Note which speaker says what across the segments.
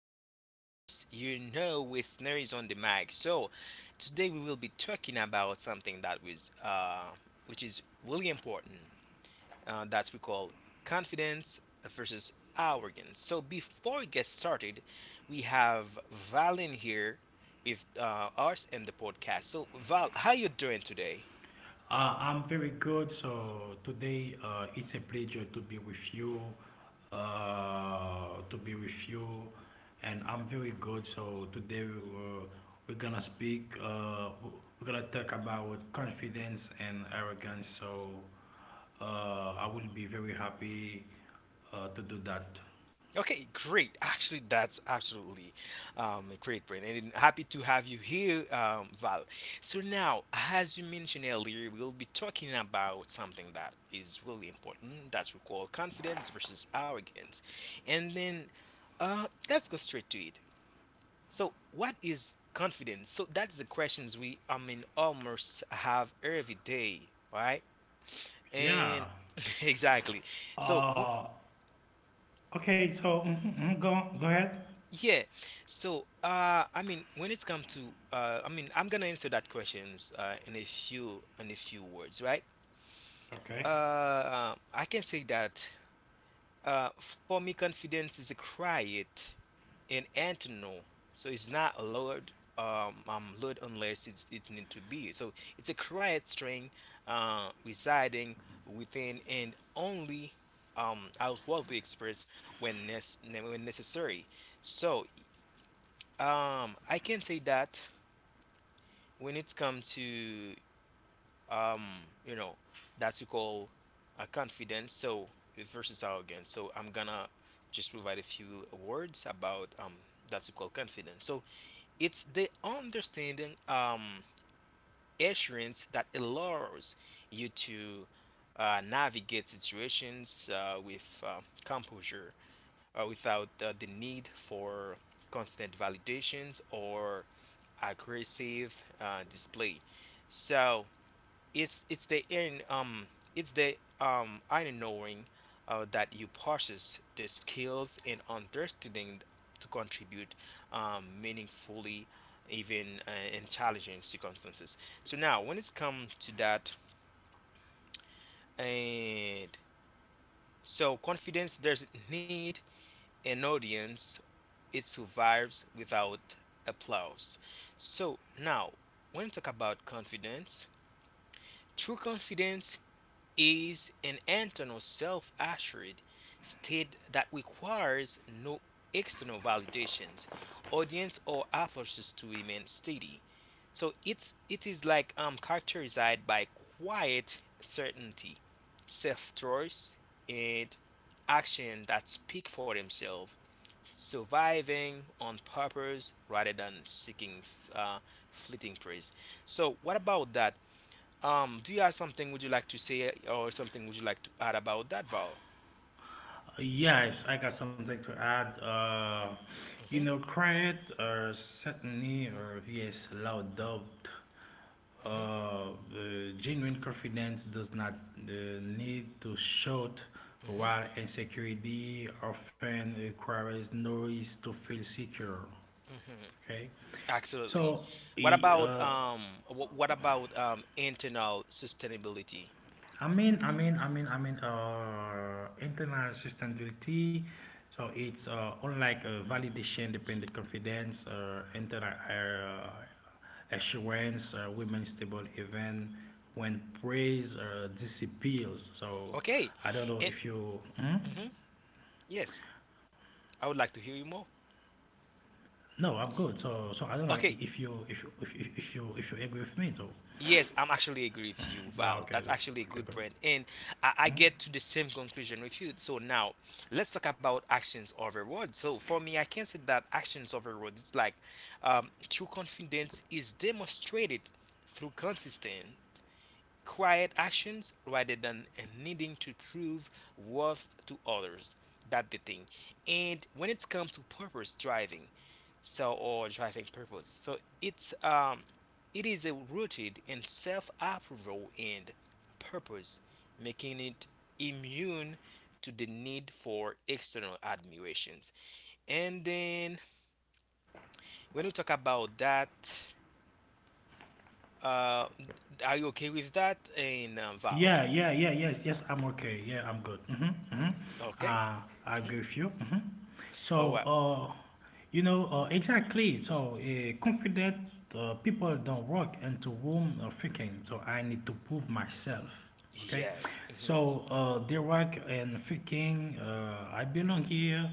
Speaker 1: hear that voice, you know it's is on the mic. So today we will be talking about something that was, which is really important. That we call confidence versus arrogance. So before we get started, we have Valen here with us and the podcast. So Val, how you doing today?
Speaker 2: I'm very good. So today it's a pleasure to be with you, uh, to be with you, and I'm very good. So today we're gonna speak. We're gonna talk about confidence and arrogance. So I will be very happy to do that.
Speaker 1: Okay, great. Actually, that's absolutely a great point, and I'm happy to have you here, Val. So now, as you mentioned earlier, we'll be talking about something that is really important. That's we call confidence versus arrogance, and then let's go straight to it. So, what is confidence? So that's the questions we, I mean, almost have every day, right? And
Speaker 2: Yeah.
Speaker 1: exactly. So wh-
Speaker 2: Uh, okay. So go ahead.
Speaker 1: Yeah. So, I mean, when it's come to, I mean, I'm gonna answer that questions in a few words, right?
Speaker 2: Okay.
Speaker 1: I can say that for me, confidence is a quiet and internal. So it's not loud, lowered unless it's need to be. So it's a quiet strength, residing within and only outwardly expressed when when necessary. So I can say that when it's come to um, you know, that you call a confidence, so versus arrogance. So I'm gonna just provide a few words about that you call confidence. So it's the understanding. Assurance that allows you to navigate situations with composure without the need for constant validations or aggressive display. So, it's the in it's the I knowing that you possess the skills and understanding to contribute meaningfully even in challenging circumstances. So now when it's come to that, and so confidence doesn't need an audience, it survives without applause. So now when we talk about confidence, true confidence is an internal self assured state that requires no external validations, audience, or applause to remain steady. So it is like characterized by quiet certainty, self trust and action that speak for themselves, surviving on purpose rather than seeking uh, fleeting praise. So what about that? Do you have something would you like to say or something would you like to add about that, Val?
Speaker 2: Yes, I got something to add. You
Speaker 1: hmm
Speaker 2: know, Criet or certainly or yes, loud doubt.
Speaker 1: hmm
Speaker 2: Uh, the genuine confidence does not uh, need to shout,
Speaker 1: hmm
Speaker 2: while insecurity often requires noise to feel secure.
Speaker 1: hmm
Speaker 2: Okay,
Speaker 1: Absolutely.
Speaker 2: so
Speaker 1: What
Speaker 2: e-
Speaker 1: about
Speaker 2: uh,
Speaker 1: what about internal sustainability?
Speaker 2: I mean, internal sustainability. So it's unlike validation, dependent confidence, internal assurance, women stable even when praise disappears. So
Speaker 1: Okay.
Speaker 2: I don't know
Speaker 1: Eh,
Speaker 2: if you. Hmm?
Speaker 1: mhm, Yes, I would like to hear you more.
Speaker 2: No, I'm good. So I don't know
Speaker 1: Okay.
Speaker 2: if you if you if you if you agree with me. So
Speaker 1: Yes, I'm actually agree with you,
Speaker 2: ah,
Speaker 1: Val.
Speaker 2: okay,
Speaker 1: That's
Speaker 2: so,
Speaker 1: actually a
Speaker 2: okay,
Speaker 1: good
Speaker 2: good.
Speaker 1: point. And I
Speaker 2: Hmm?
Speaker 1: get to the same conclusion with you. So now let's talk about actions over words. So for me, I can say that actions over words, it's like true confidence is demonstrated through consistent quiet actions rather than needing to prove worth to others. That's the thing. And when it comes to purpose driving, so or driving purpose, so it's it is rooted in self-approval and purpose, making it immune to the need for external admirations. And then when we talk about that, uh, are you okay with that, and Val?
Speaker 2: Yeah, yeah, yeah, yes, yes, I'm okay. Yeah, I'm good. Mm-hmm, mm-hmm.
Speaker 1: Okay.
Speaker 2: Uh, I agree with you. Mm-hmm.
Speaker 1: Oh
Speaker 2: So,
Speaker 1: wow.
Speaker 2: you know, exactly. So, confident people don't walk into room thinking, so I need to prove myself. Okay.
Speaker 1: Yes.
Speaker 2: So, they work and thinking, I belong here.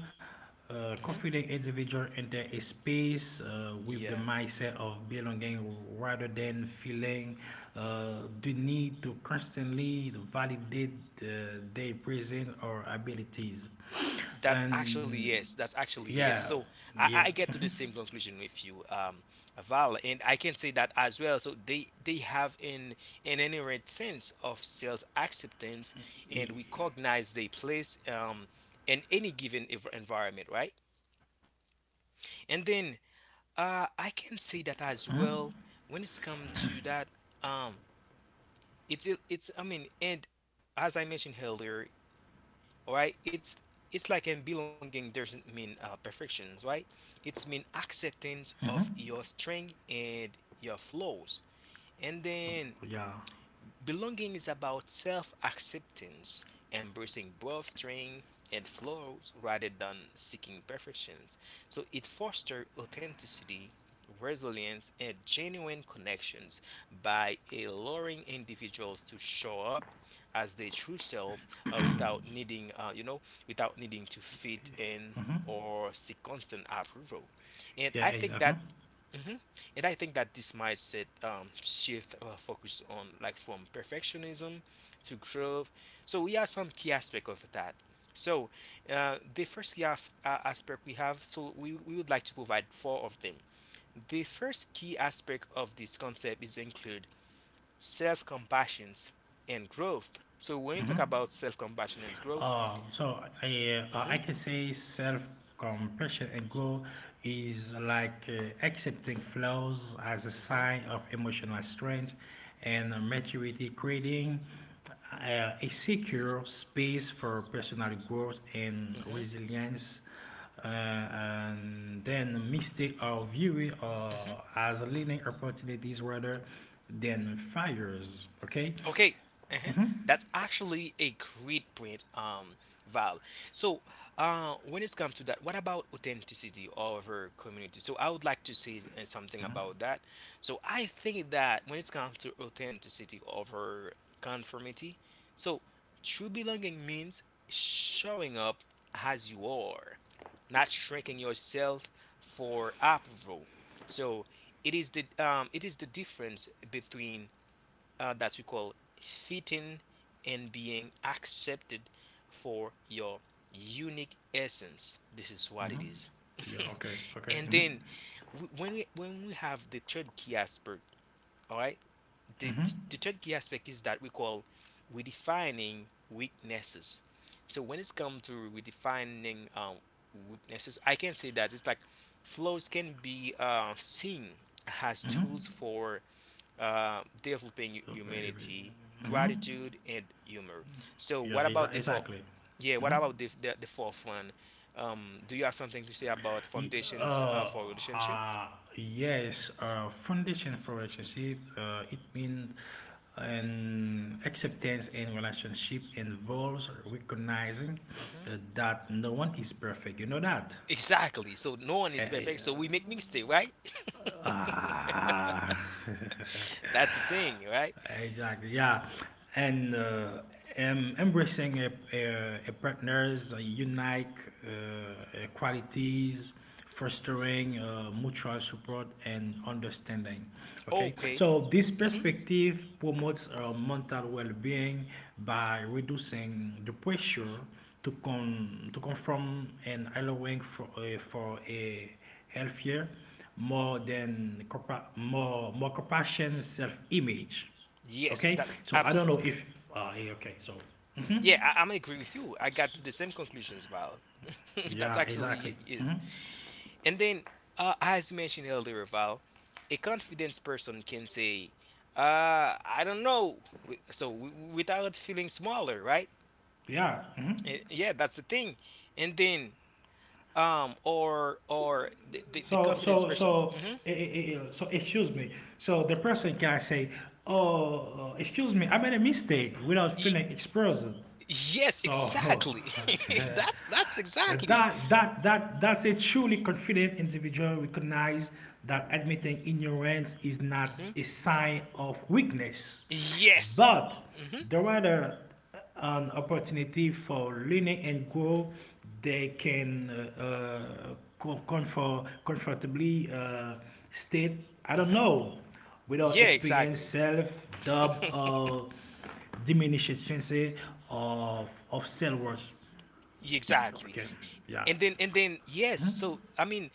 Speaker 1: hmm
Speaker 2: Confident individual enter a space with the
Speaker 1: Yeah,
Speaker 2: mindset of belonging rather than feeling uh, the need to constantly validate their presence or abilities.
Speaker 1: that's actually
Speaker 2: And
Speaker 1: yes. That's actually yes.
Speaker 2: yeah,
Speaker 1: So
Speaker 2: yeah,
Speaker 1: I get to the same conclusion with you, Val, and I can say that as well. So they have an inherent sense of self acceptance,
Speaker 2: Y-
Speaker 1: and recognize their place in any given environment, right?
Speaker 2: yeah, yeah, exactly, yeah,
Speaker 1: And then
Speaker 2: exactly.
Speaker 1: I can say that as well when it's come to that. Um, it's I mean, and as I mentioned earlier, right? It's like in belonging doesn't mean perfections, right? It's mean
Speaker 2: Mm-hmm.
Speaker 1: acceptance of your strength and your flaws, and
Speaker 2: Yeah,
Speaker 1: then Belonging is about self acceptance, embracing both strengths and flaws rather than seeking perfections. So it fosters authenticity, resilience, and genuine connections by allowing individuals to show up as their true self without without needing to fit
Speaker 2: mm-hmm.
Speaker 1: in or seek constant approval.
Speaker 2: yeah,
Speaker 1: And I
Speaker 2: uh-huh.
Speaker 1: think that. Mhm. And I think that this mindset shift focus on like from perfectionism to growth. So we have some key aspect of that. So the first key aspect we have, so we would like to provide four of them. The first key aspect of this concept is include self-compassions and growth. So when you
Speaker 2: hmm
Speaker 1: talk about self-compassion and growth Mhm.
Speaker 2: I
Speaker 1: Mhm.
Speaker 2: can say self compassion and go is like accepting flaws as a sign of emotional strength and maturity, creating a secure space for personal growth
Speaker 1: Mhm.
Speaker 2: and
Speaker 1: Mhm.
Speaker 2: resilience. And then mistake our view
Speaker 1: Mhm.
Speaker 2: as learning opportunities rather than fires. Okay.
Speaker 1: Okay, uh-huh. That's actually a great point, Val. So, when it's come to that, what about authenticity of our community? So, I would like to say something
Speaker 2: hmm
Speaker 1: about that. So, I think that when it's come to authenticity of our conformity, so true belonging means showing up as you are, not shrinking yourself for approval. So, it is the difference between that we call fitting and being accepted for your unique essence. This is what it
Speaker 2: hmm
Speaker 1: is.
Speaker 2: Yeah. Okay. Okay.
Speaker 1: And
Speaker 2: hmm
Speaker 1: then when we have the third key aspect, all right,
Speaker 2: Mhm.
Speaker 1: the third key aspect is that we call redefining weaknesses. So when it's come to redefining weaknesses, I can say that it's like flaws can be seen as
Speaker 2: Mhm.
Speaker 1: tools for developing
Speaker 2: So very, very-
Speaker 1: humanity,
Speaker 2: Mhm.
Speaker 1: gratitude, and humor. So,
Speaker 2: yeah,
Speaker 1: what about the fourth?
Speaker 2: exactly.
Speaker 1: Yeah, what
Speaker 2: Mhm.
Speaker 1: about the fourth one? Do you have something to say about
Speaker 2: Y-
Speaker 1: foundations
Speaker 2: Uh,
Speaker 1: for relationships?
Speaker 2: uh, yes, foundation for relationship. It means an acceptance in relationship involves recognizing
Speaker 1: Hmm
Speaker 2: that no one is perfect. You know that.
Speaker 1: Exactly. So no one is
Speaker 2: Eh, eh,
Speaker 1: perfect. So we make mistake, right?
Speaker 2: ah.
Speaker 1: That's the thing, right?
Speaker 2: Exactly. Yeah, and embracing a partner's unique qualities, fostering mutual support and understanding. Okay,
Speaker 1: Okay.
Speaker 2: so this
Speaker 1: hmm
Speaker 2: perspective promotes mental well-being by reducing the pressure to conform and allowing for a healthier, more compassion self-image.
Speaker 1: Yes,
Speaker 2: Okay,
Speaker 1: that's
Speaker 2: so I don't know if
Speaker 1: absolutely.
Speaker 2: yeah, okay, so mhm.
Speaker 1: Yeah, I'm agree with you. I got to the same conclusions, Val. That's
Speaker 2: yeah,
Speaker 1: actually
Speaker 2: exactly.
Speaker 1: is.
Speaker 2: Mhm.
Speaker 1: And then, as you mentioned earlier, Val, a confident person can say, "I don't know," without feeling smaller, right?
Speaker 2: Yeah. mhm.
Speaker 1: Eh, yeah, that's the thing. And then or the
Speaker 2: So
Speaker 1: confidence
Speaker 2: so
Speaker 1: person
Speaker 2: so
Speaker 1: hmm
Speaker 2: eh, eh, eh, so excuse me. So the person can say, "Oh, excuse me, I made a mistake," without feeling exposed.
Speaker 1: yes
Speaker 2: So
Speaker 1: exactly That's exactly
Speaker 2: that's a truly confident individual recognize that admitting ignorance is not
Speaker 1: hmm
Speaker 2: a sign of weakness,
Speaker 1: yes
Speaker 2: but
Speaker 1: hmm
Speaker 2: the rather an opportunity for learning and grow. They can comfortably state, I don't know, without
Speaker 1: yeah
Speaker 2: experience
Speaker 1: exactly
Speaker 2: self doubt or diminished sense of self worth.
Speaker 1: exactly.
Speaker 2: Okay, yeah,
Speaker 1: And then and then yes so I mean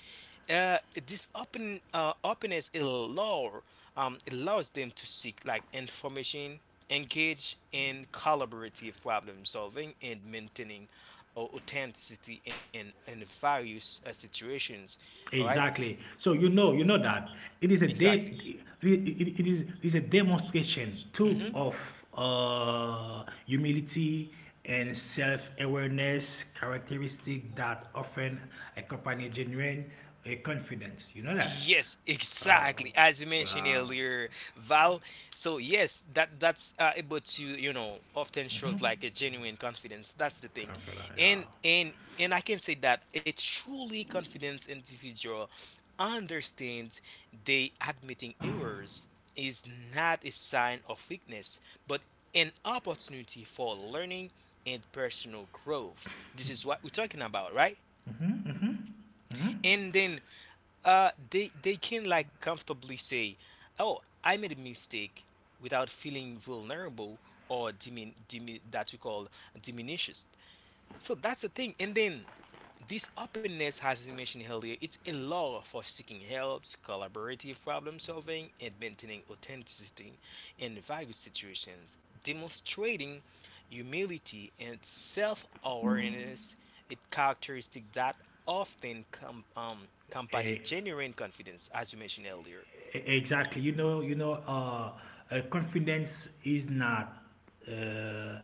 Speaker 1: uh this open openness allow allows them to seek like information, engage in collaborative problem solving and maintaining authenticity in various situations, all right,
Speaker 2: exactly. So you know that it is a de-
Speaker 1: exactly.
Speaker 2: it, it, it is a demonstration too
Speaker 1: hmm
Speaker 2: of humility and self awareness characteristic that often accompany genuine confidence. You know that.
Speaker 1: Yes,
Speaker 2: Uh,
Speaker 1: exactly. As you mentioned
Speaker 2: yeah,
Speaker 1: earlier, Val. So yes, that that's able to you know often shows like a genuine confidence. That's the thing,
Speaker 2: confidence. Yeah.
Speaker 1: and I can say that a truly confident individual understands they admitting errors is not a sign of weakness, but an opportunity for learning and personal growth. This is what we're talking about, right? And then they can like comfortably say oh I made a mistake without feeling vulnerable or dimin, dimin that we call diminished. So that's the thing. And then this openness, as we mentioned earlier, it's a law for seeking help, collaborative problem solving, and maintaining authenticity in various situations, demonstrating humility and self-awareness, a characteristic that often accompany
Speaker 2: Eh,
Speaker 1: genuine confidence, as you mentioned earlier.
Speaker 2: Exactly. You know, confidence uh,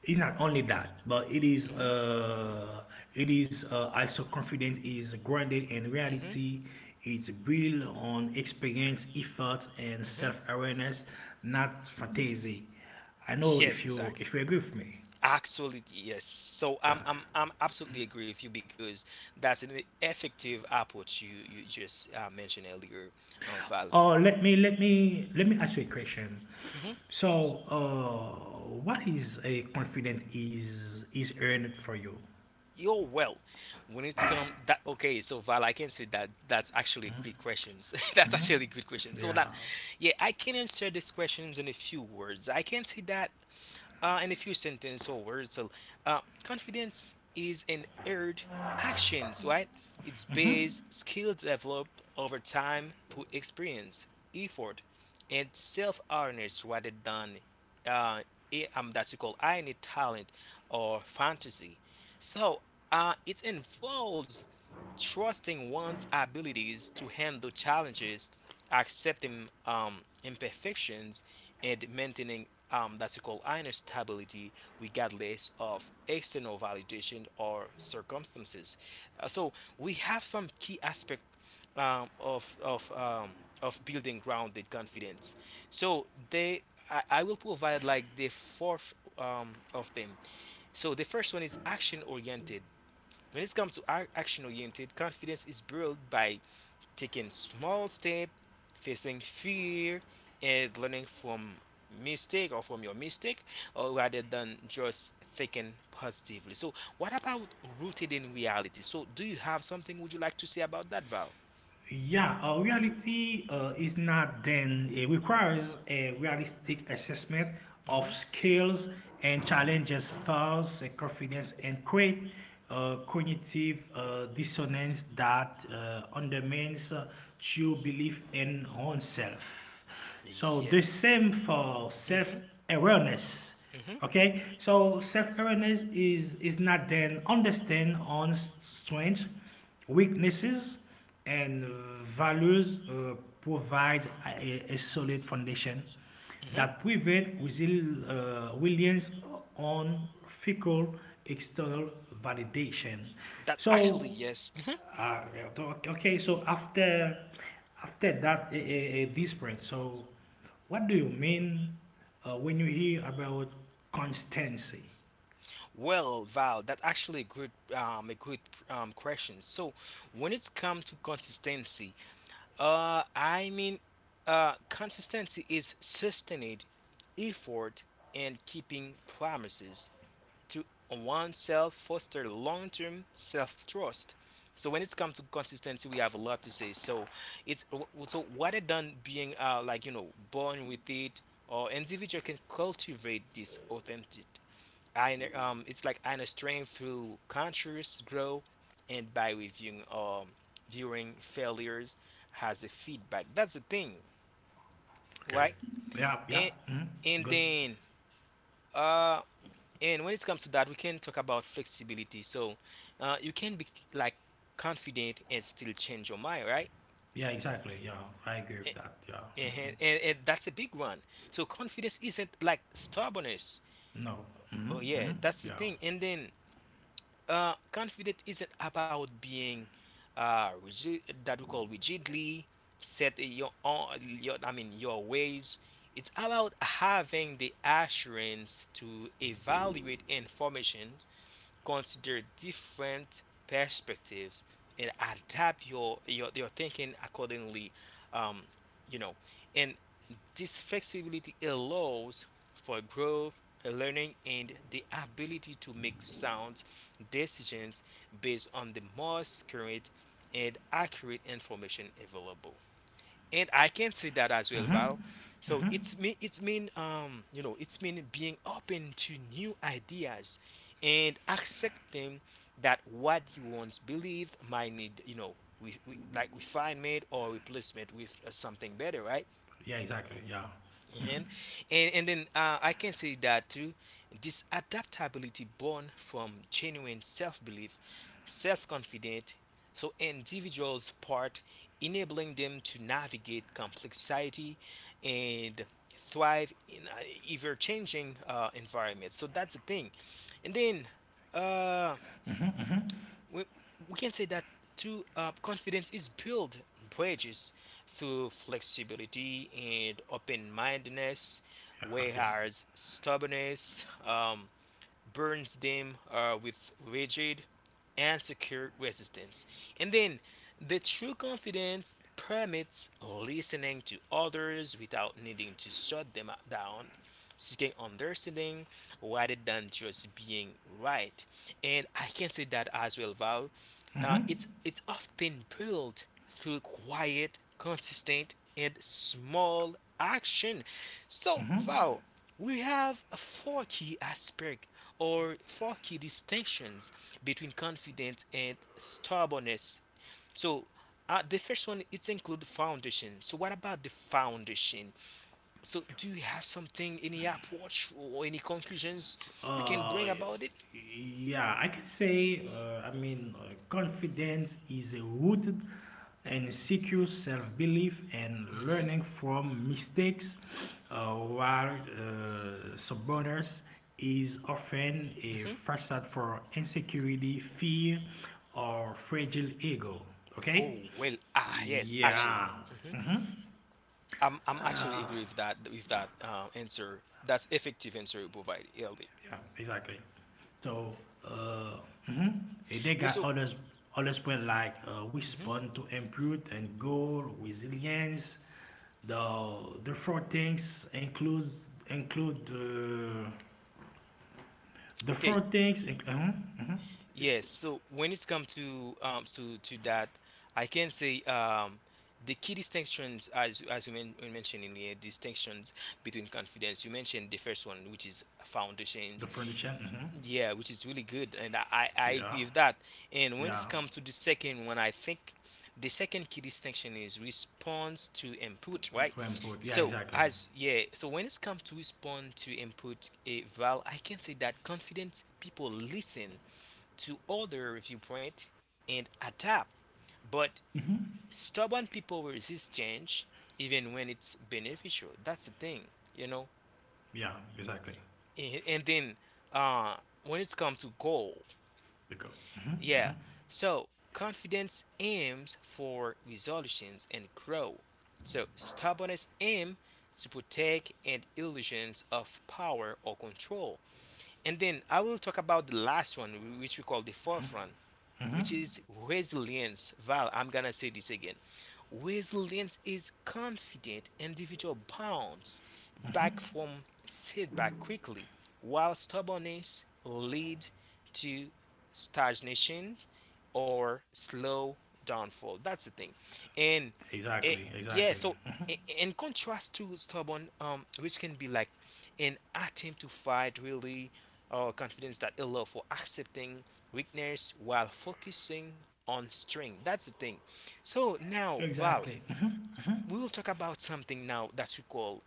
Speaker 2: is not only that, but it is also confidence is grounded in reality. It's built on experience, effort, and self-awareness, not fantasy. I know
Speaker 1: Yes, exactly.
Speaker 2: if you agree with me.
Speaker 1: Actually, yes. So
Speaker 2: Yeah.
Speaker 1: I'm absolutely agree with you because that's an effective approach you just mentioned earlier, Val.
Speaker 2: Or let me ask you a question. So, what is a confidence is earned for you?
Speaker 1: You're well. When it's come that okay, so Val, I can say that that's actually great questions. That's actually a good question. So
Speaker 2: Yeah,
Speaker 1: that yeah, I can answer these questions in a few words. I can say that in a few sentences or words, so, confidence is an earned actions, right? It's based skill developed over time through experience, effort, and self-awareness rather than uh, that you call any talent or fantasy. So it involves trusting one's abilities to handle challenges, accepting imperfections, and maintaining that's called inner stability regardless of external validation or circumstances. So we have some key aspect um, of of um, of building grounded confidence. So they, I will provide like the fourth of them. So the first one is action oriented. When it comes to action oriented, confidence is built by taking small step, facing fear, and learning from mistake or from your mistake, or rather than just thinking positively. So, what about rooted in reality? So, do you have something would you like to say about that, Val?
Speaker 2: yeah. Reality is not then. It requires a realistic assessment of skills and challenges, flaws, and confidence, and create cognitive dissonance that undermines true belief in oneself. So the
Speaker 1: Yes.
Speaker 2: same for
Speaker 1: hmm
Speaker 2: self-awareness.
Speaker 1: hmm
Speaker 2: Okay, so self-awareness is not then understand on strengths, weaknesses, and values provides a solid foundation
Speaker 1: hmm
Speaker 2: that prevent reliance on fickle external validation.
Speaker 1: That's actually
Speaker 2: So
Speaker 1: yes.
Speaker 2: uh, okay, okay, so after that a desperate, so what do you mean when you hear about constancy?
Speaker 1: Well, Val, that's actually a good question. So when it's come to consistency, I mean, consistency is sustained effort and keeping promises to oneself foster long-term self-trust. So when it's come to consistency, we have a lot to say. So it's so what it done being like you know born with it, or individual can cultivate this authentic I it's like I understand through conscious growth and by reviewing viewing failures has a feedback. That's the thing,
Speaker 2: Okay.
Speaker 1: right?
Speaker 2: Yeah, yeah,
Speaker 1: And
Speaker 2: mhm,
Speaker 1: and
Speaker 2: good.
Speaker 1: then uh and when it comes to that we can talk about flexibility. So you can be like confident and still change your mind, right?
Speaker 2: Yeah, exactly. Yeah, I agree with that. Yeah,
Speaker 1: And that's a big one. So confidence isn't like stubbornness.
Speaker 2: no. hmm
Speaker 1: Oh yeah,
Speaker 2: hmm
Speaker 1: that's the
Speaker 2: yeah.
Speaker 1: thing. And then confident isn't about being rigid, that we call rigidly set in your own, your ways. It's about having the assurance to evaluate information, consider different perspectives, and adapt your thinking accordingly. um, you know and this flexibility allows for growth, learning, and the ability to make sound decisions based on the most current and accurate information available, and I can say that as well,
Speaker 2: hmm
Speaker 1: Val. So
Speaker 2: hmm
Speaker 1: it's mean it's mean being open to new ideas and accepting that what you once believed might need, we like refinement or replacement with something better, right?
Speaker 2: Yeah, exactly. Yeah,
Speaker 1: Mhm. And then I can say that too. This adaptability born from genuine self-belief, self-confident, so individuals part, enabling them to navigate complex society, and thrive in ever-changing environments. So that's the thing. And then uh, we, we can say that to confidence is built bridges through flexibility and open-mindedness,
Speaker 2: yeah, yeah.
Speaker 1: whereas stubbornness burns them with rigid and secure resistance. And then the true confidence permits listening to others without needing to shut them down, seeking understanding rather than just being right. And I can say that as well, Val. It's often built through quiet, consistent, and small action. So,
Speaker 2: Hmm.
Speaker 1: Val. We have four key aspects or four key distinctions between confidence and stubbornness. So, the first one it's include foundation. So, what about the foundation? So, do you have something, any approach or any conclusions you can
Speaker 2: Uh,
Speaker 1: bring about it?
Speaker 2: yeah, I can say, confidence is a rooted and secure self belief and
Speaker 1: Hmm.
Speaker 2: learning from mistakes, while stubbornness is often a
Speaker 1: Hmm.
Speaker 2: facade for insecurity, fear, or fragile ego. Okay?
Speaker 1: Oh well, ah yes, actually,
Speaker 2: Yeah.
Speaker 1: hmm,
Speaker 2: hmm
Speaker 1: I'm actually
Speaker 2: Uh,
Speaker 1: agree with that answer. That's effective answer you provided earlier.
Speaker 2: Yeah, exactly. So, uh, mhm. And they
Speaker 1: Well,
Speaker 2: got
Speaker 1: so.
Speaker 2: others, others point like
Speaker 1: Mhm.
Speaker 2: respond to input and goal, resilience. The the four things includes include the four
Speaker 1: Okay,
Speaker 2: things. Mhm, mhm.
Speaker 1: yes. So when it's come to to that, I can say the key distinctions as you men, we mentioned in here distinctions between confidence. You mentioned the first one, which is
Speaker 2: The
Speaker 1: foundations.
Speaker 2: furniture. Mhm.
Speaker 1: Yeah, which is really good, and I
Speaker 2: Yeah,
Speaker 1: agree with that. And when it's
Speaker 2: yeah.
Speaker 1: come to the second one, I think the second key distinction is response to
Speaker 2: To,
Speaker 1: input, right?
Speaker 2: to input. Yeah,
Speaker 1: So
Speaker 2: exactly.
Speaker 1: as yeah, so when it's come to respond to input, eh, Val, I can say that confident people listen to other viewpoint and adapt, but
Speaker 2: hmm
Speaker 1: stubborn people resist change even when it's beneficial. That's the thing, you know.
Speaker 2: Yeah, exactly.
Speaker 1: And then uh, when it's come to goal.
Speaker 2: Because. Mhm,
Speaker 1: Yeah.
Speaker 2: mhm,
Speaker 1: So confidence aims for resolutions and grow. So stubbornness aims to protect and illusions of power or control. And then I will talk about the last one, which we call the fourth one,
Speaker 2: mhm.
Speaker 1: which is resilience. Val, I'm gonna say this again. Resilience is confident individual bounce back
Speaker 2: mhm.
Speaker 1: from setback quickly, while stubbornness lead to stagnation or slow downfall. That's the thing. And
Speaker 2: Exactly,
Speaker 1: eh,
Speaker 2: exactly.
Speaker 1: yeah, so in contrast to stubborn, which can be like an attempt to fight really confidence that allow for accepting weakness while focusing on strength. That's the thing. So now,
Speaker 2: Exactly.
Speaker 1: Val, we will talk about something now that we call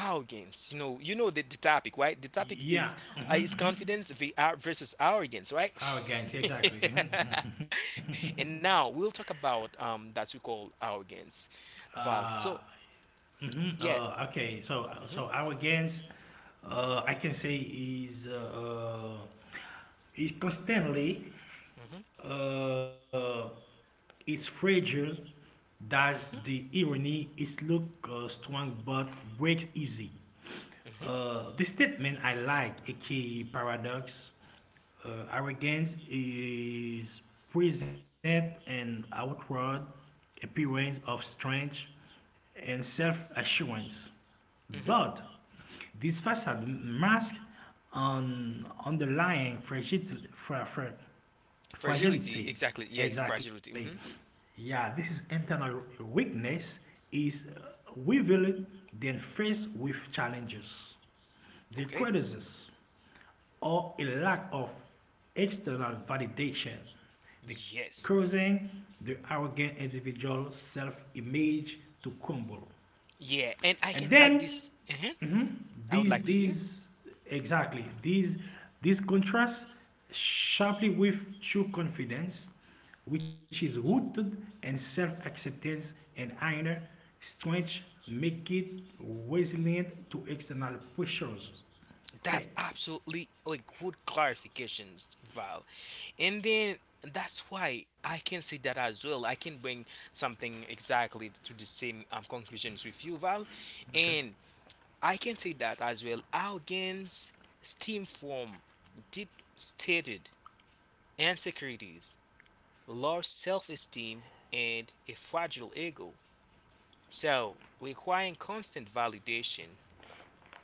Speaker 1: arrogance. You know the topic, right? The topic
Speaker 2: Yeah.
Speaker 1: is
Speaker 2: hmm
Speaker 1: confidence versus arrogance, right?
Speaker 2: Our gangs, yeah, exactly. Mhm.
Speaker 1: And now we'll talk about that we call arrogance, Val.
Speaker 2: uh,
Speaker 1: So
Speaker 2: mhm,
Speaker 1: yeah.
Speaker 2: okay, so so
Speaker 1: Hmm.
Speaker 2: our gangs, I can say is constantly
Speaker 1: Hmm.
Speaker 2: uh, it's fragile. That's the irony. It's look strong but breaks easy.
Speaker 1: Hmm.
Speaker 2: The statement I like, aka paradox, arrogance is present and outward appearance of strength and self-assurance,
Speaker 1: Hmm.
Speaker 2: but this facade masks an underlying
Speaker 1: Fragility.
Speaker 2: fragility
Speaker 1: Exactly. Yes.
Speaker 2: exactly
Speaker 1: Fragility. Hmm.
Speaker 2: yeah this is internal weakness is revealed then faced with challenges the
Speaker 1: Okay.
Speaker 2: criticism or a lack of external validation the
Speaker 1: Yes.
Speaker 2: causing the arrogant individual self-image to crumble
Speaker 1: Yeah. And I
Speaker 2: and
Speaker 1: can add
Speaker 2: then
Speaker 1: this. Mhm.
Speaker 2: mhm,
Speaker 1: I would like to hear.
Speaker 2: these exactly these contrasts sharply with true confidence which is rooted in self-acceptance and inner strength make it resilient to external pressures
Speaker 1: That's
Speaker 2: okay
Speaker 1: absolutely a good clarification, Val. And then that's why I can say that as well. I can bring something exactly to the same conclusions with you, Val.
Speaker 2: okay
Speaker 1: And I can say that as well. Arrogance stems from deep-stated insecurities, low self esteem, and a fragile ego. So, requiring constant validation,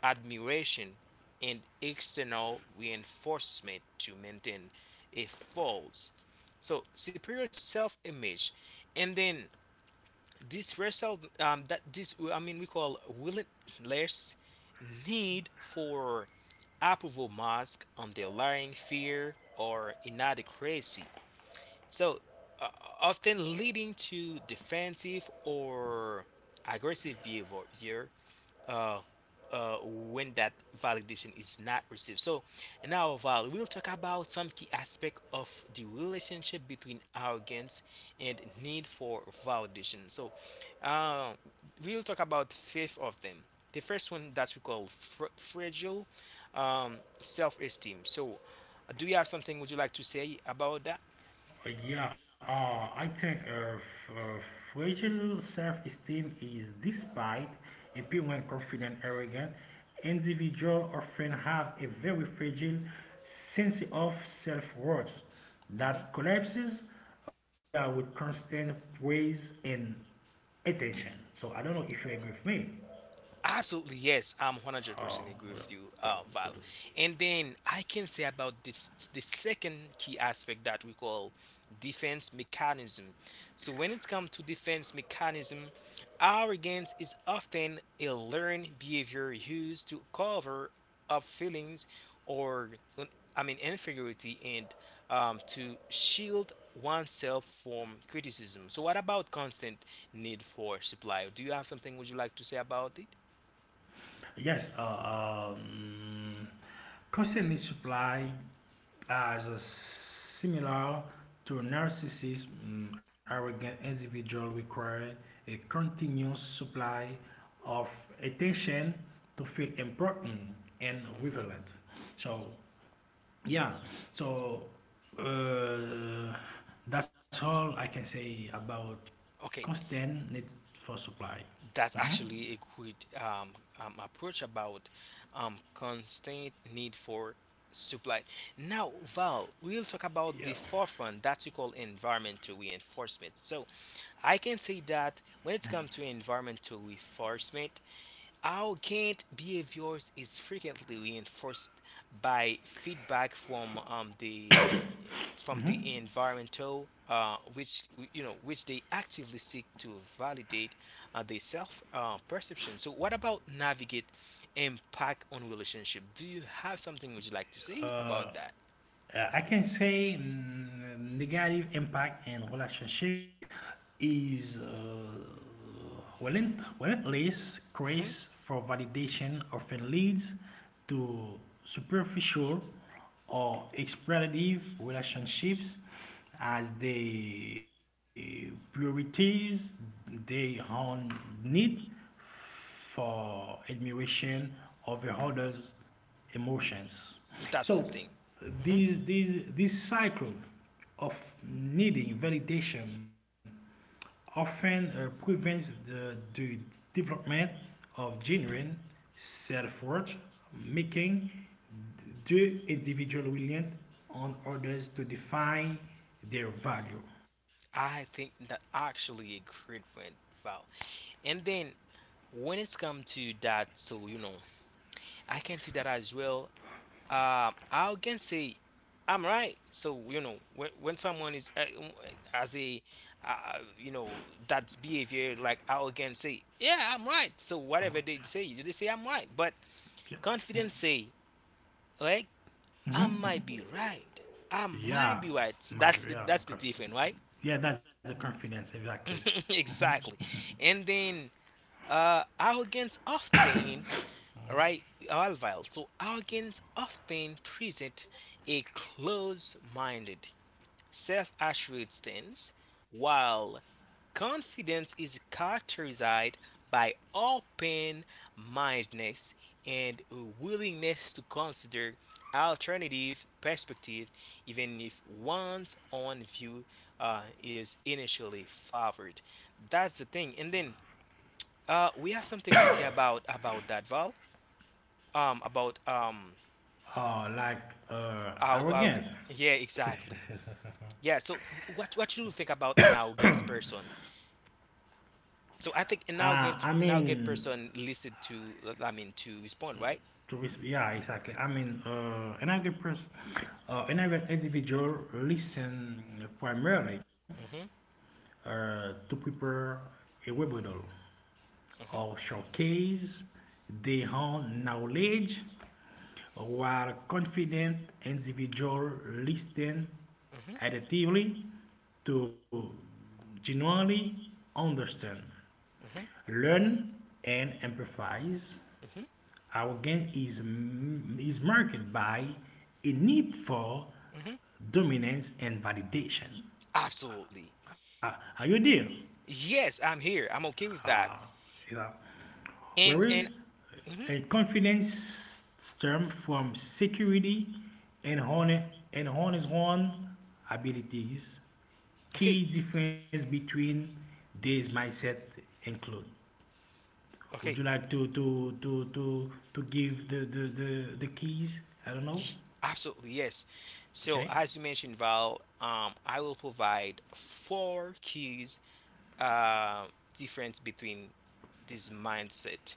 Speaker 1: admiration, and external reinforcement to maintain a false. So, superior self image. And then this result, we call relentless need for approval mask underlying fear or inadequacy. So, uh, often leading to defensive or aggressive behavior uh, when that validation is not received. So, now, Val, we'll talk about some key aspect of the relationship between arrogance and need for validation. So, uh, we'll talk about five of them. The first one that we call fragile self-esteem. So, do you have something would you like to say about that?
Speaker 2: Yeah, I think fragile self-esteem is despite appearing when confident, arrogant, individual often have a very fragile sense of self-worth that collapses without constant praise and attention. So I don't know if you agree with me.
Speaker 1: Absolutely, yes, I'm
Speaker 2: Uh,
Speaker 1: 100% agree
Speaker 2: well,
Speaker 1: with you,
Speaker 2: but-
Speaker 1: Val. And then I can say about this the second key aspect that we call defense mechanism. So when it comes to defense mechanism, arrogance is often a learned behavior used to cover up feelings or un- inferiority and to shield oneself from criticism. So what about constant need for supply? Do you have something would you like to say about it?
Speaker 2: yes, constantly supply as a similar to narcissism, mm, arrogant individual require a continuous supply of attention to feel important and
Speaker 1: Hmm.
Speaker 2: relevant. So yeah, so uh, that's all I can say about
Speaker 1: Okay,
Speaker 2: constant need for supply.
Speaker 1: that's
Speaker 2: Mhm.
Speaker 1: actually a good approach about constant need for supply. Now, Val, we'll talk about
Speaker 2: Yeah.
Speaker 1: the fourth one that we call environmental reinforcement. So, I can say that when it comes to environmental reinforcement, arrogant behaviors is frequently reinforced by feedback from the it's from
Speaker 2: Mhm.
Speaker 1: the environmental, which you know, which they actively seek to validate the self perception. So, what about navigate impact on relationship? Do you have something would you like to
Speaker 2: Uh,
Speaker 1: say about that?
Speaker 2: I can say mm, negative impact in relationship is relentless
Speaker 1: Hmm.
Speaker 2: quest for validation often leads to superficial or exploitative relationships as they prioritize their own need for admiration of the other's emotions.
Speaker 1: That's the
Speaker 2: So
Speaker 1: thing. Mm-hmm.
Speaker 2: this cycle of needing validation often prevents the development of genuine self-worth, making the individual reliant on others to define their value.
Speaker 1: I think that actually a great point, Val. And then when it's come to that, so you know, I can see that as well. I can say I'm right. So you know, when someone is as a you know that's behavior like I can say yeah I'm right. So whatever
Speaker 2: Alright.
Speaker 1: they say I'm right. But
Speaker 2: Yeah.
Speaker 1: confidence say like I might
Speaker 2: Mhm.
Speaker 1: be right. I might
Speaker 2: Yeah,
Speaker 1: be right. So
Speaker 2: my yeah,
Speaker 1: that's the
Speaker 2: okay.
Speaker 1: difference, right?
Speaker 2: Yeah, that's the confidence exactly.
Speaker 1: Exactly. And then arrogance often, right, Alvile. So arrogance often present a close minded self-assured stance, while confidence is characterized by open-mindedness and a willingness to consider alternative perspective, even if one's own view is initially favored. That's the thing. And then we have something to say about that, Val. About
Speaker 2: Uh, like
Speaker 1: our g-,
Speaker 2: arrogant.
Speaker 1: yeah, exactly. Yeah. So what do you think about an arrogant person? So I think an
Speaker 2: Uh, I
Speaker 1: arrogant, an arrogant
Speaker 2: mean,
Speaker 1: person listed to, to respond, right?
Speaker 2: yeah, exactly. I mean, another individual listen primarily
Speaker 1: Mhm.
Speaker 2: to prepare a webinar
Speaker 1: Mhm.
Speaker 2: or showcase their own knowledge, while confident individual listen
Speaker 1: Mhm.
Speaker 2: adaptively to genuinely understand.
Speaker 1: Mhm.
Speaker 2: Learn and empathize.
Speaker 1: Mhm.
Speaker 2: Our game is marked by a need for
Speaker 1: Mhm.
Speaker 2: dominance and validation.
Speaker 1: Absolutely.
Speaker 2: Uh, are you there?
Speaker 1: Yes, I'm here. I'm okay with that.
Speaker 2: Uh, you know.
Speaker 1: And
Speaker 2: Whereas
Speaker 1: mhm.
Speaker 2: a confidence stems from security and honor and honest own abilities.
Speaker 1: Okay.
Speaker 2: Key difference between these mindset include Would
Speaker 1: Okay.
Speaker 2: you like to give the keys? I don't know.
Speaker 1: Ye-. Absolutely, yes. So,
Speaker 2: Okay.
Speaker 1: as you mentioned, Val, I will provide four keys uh, difference between this mindset.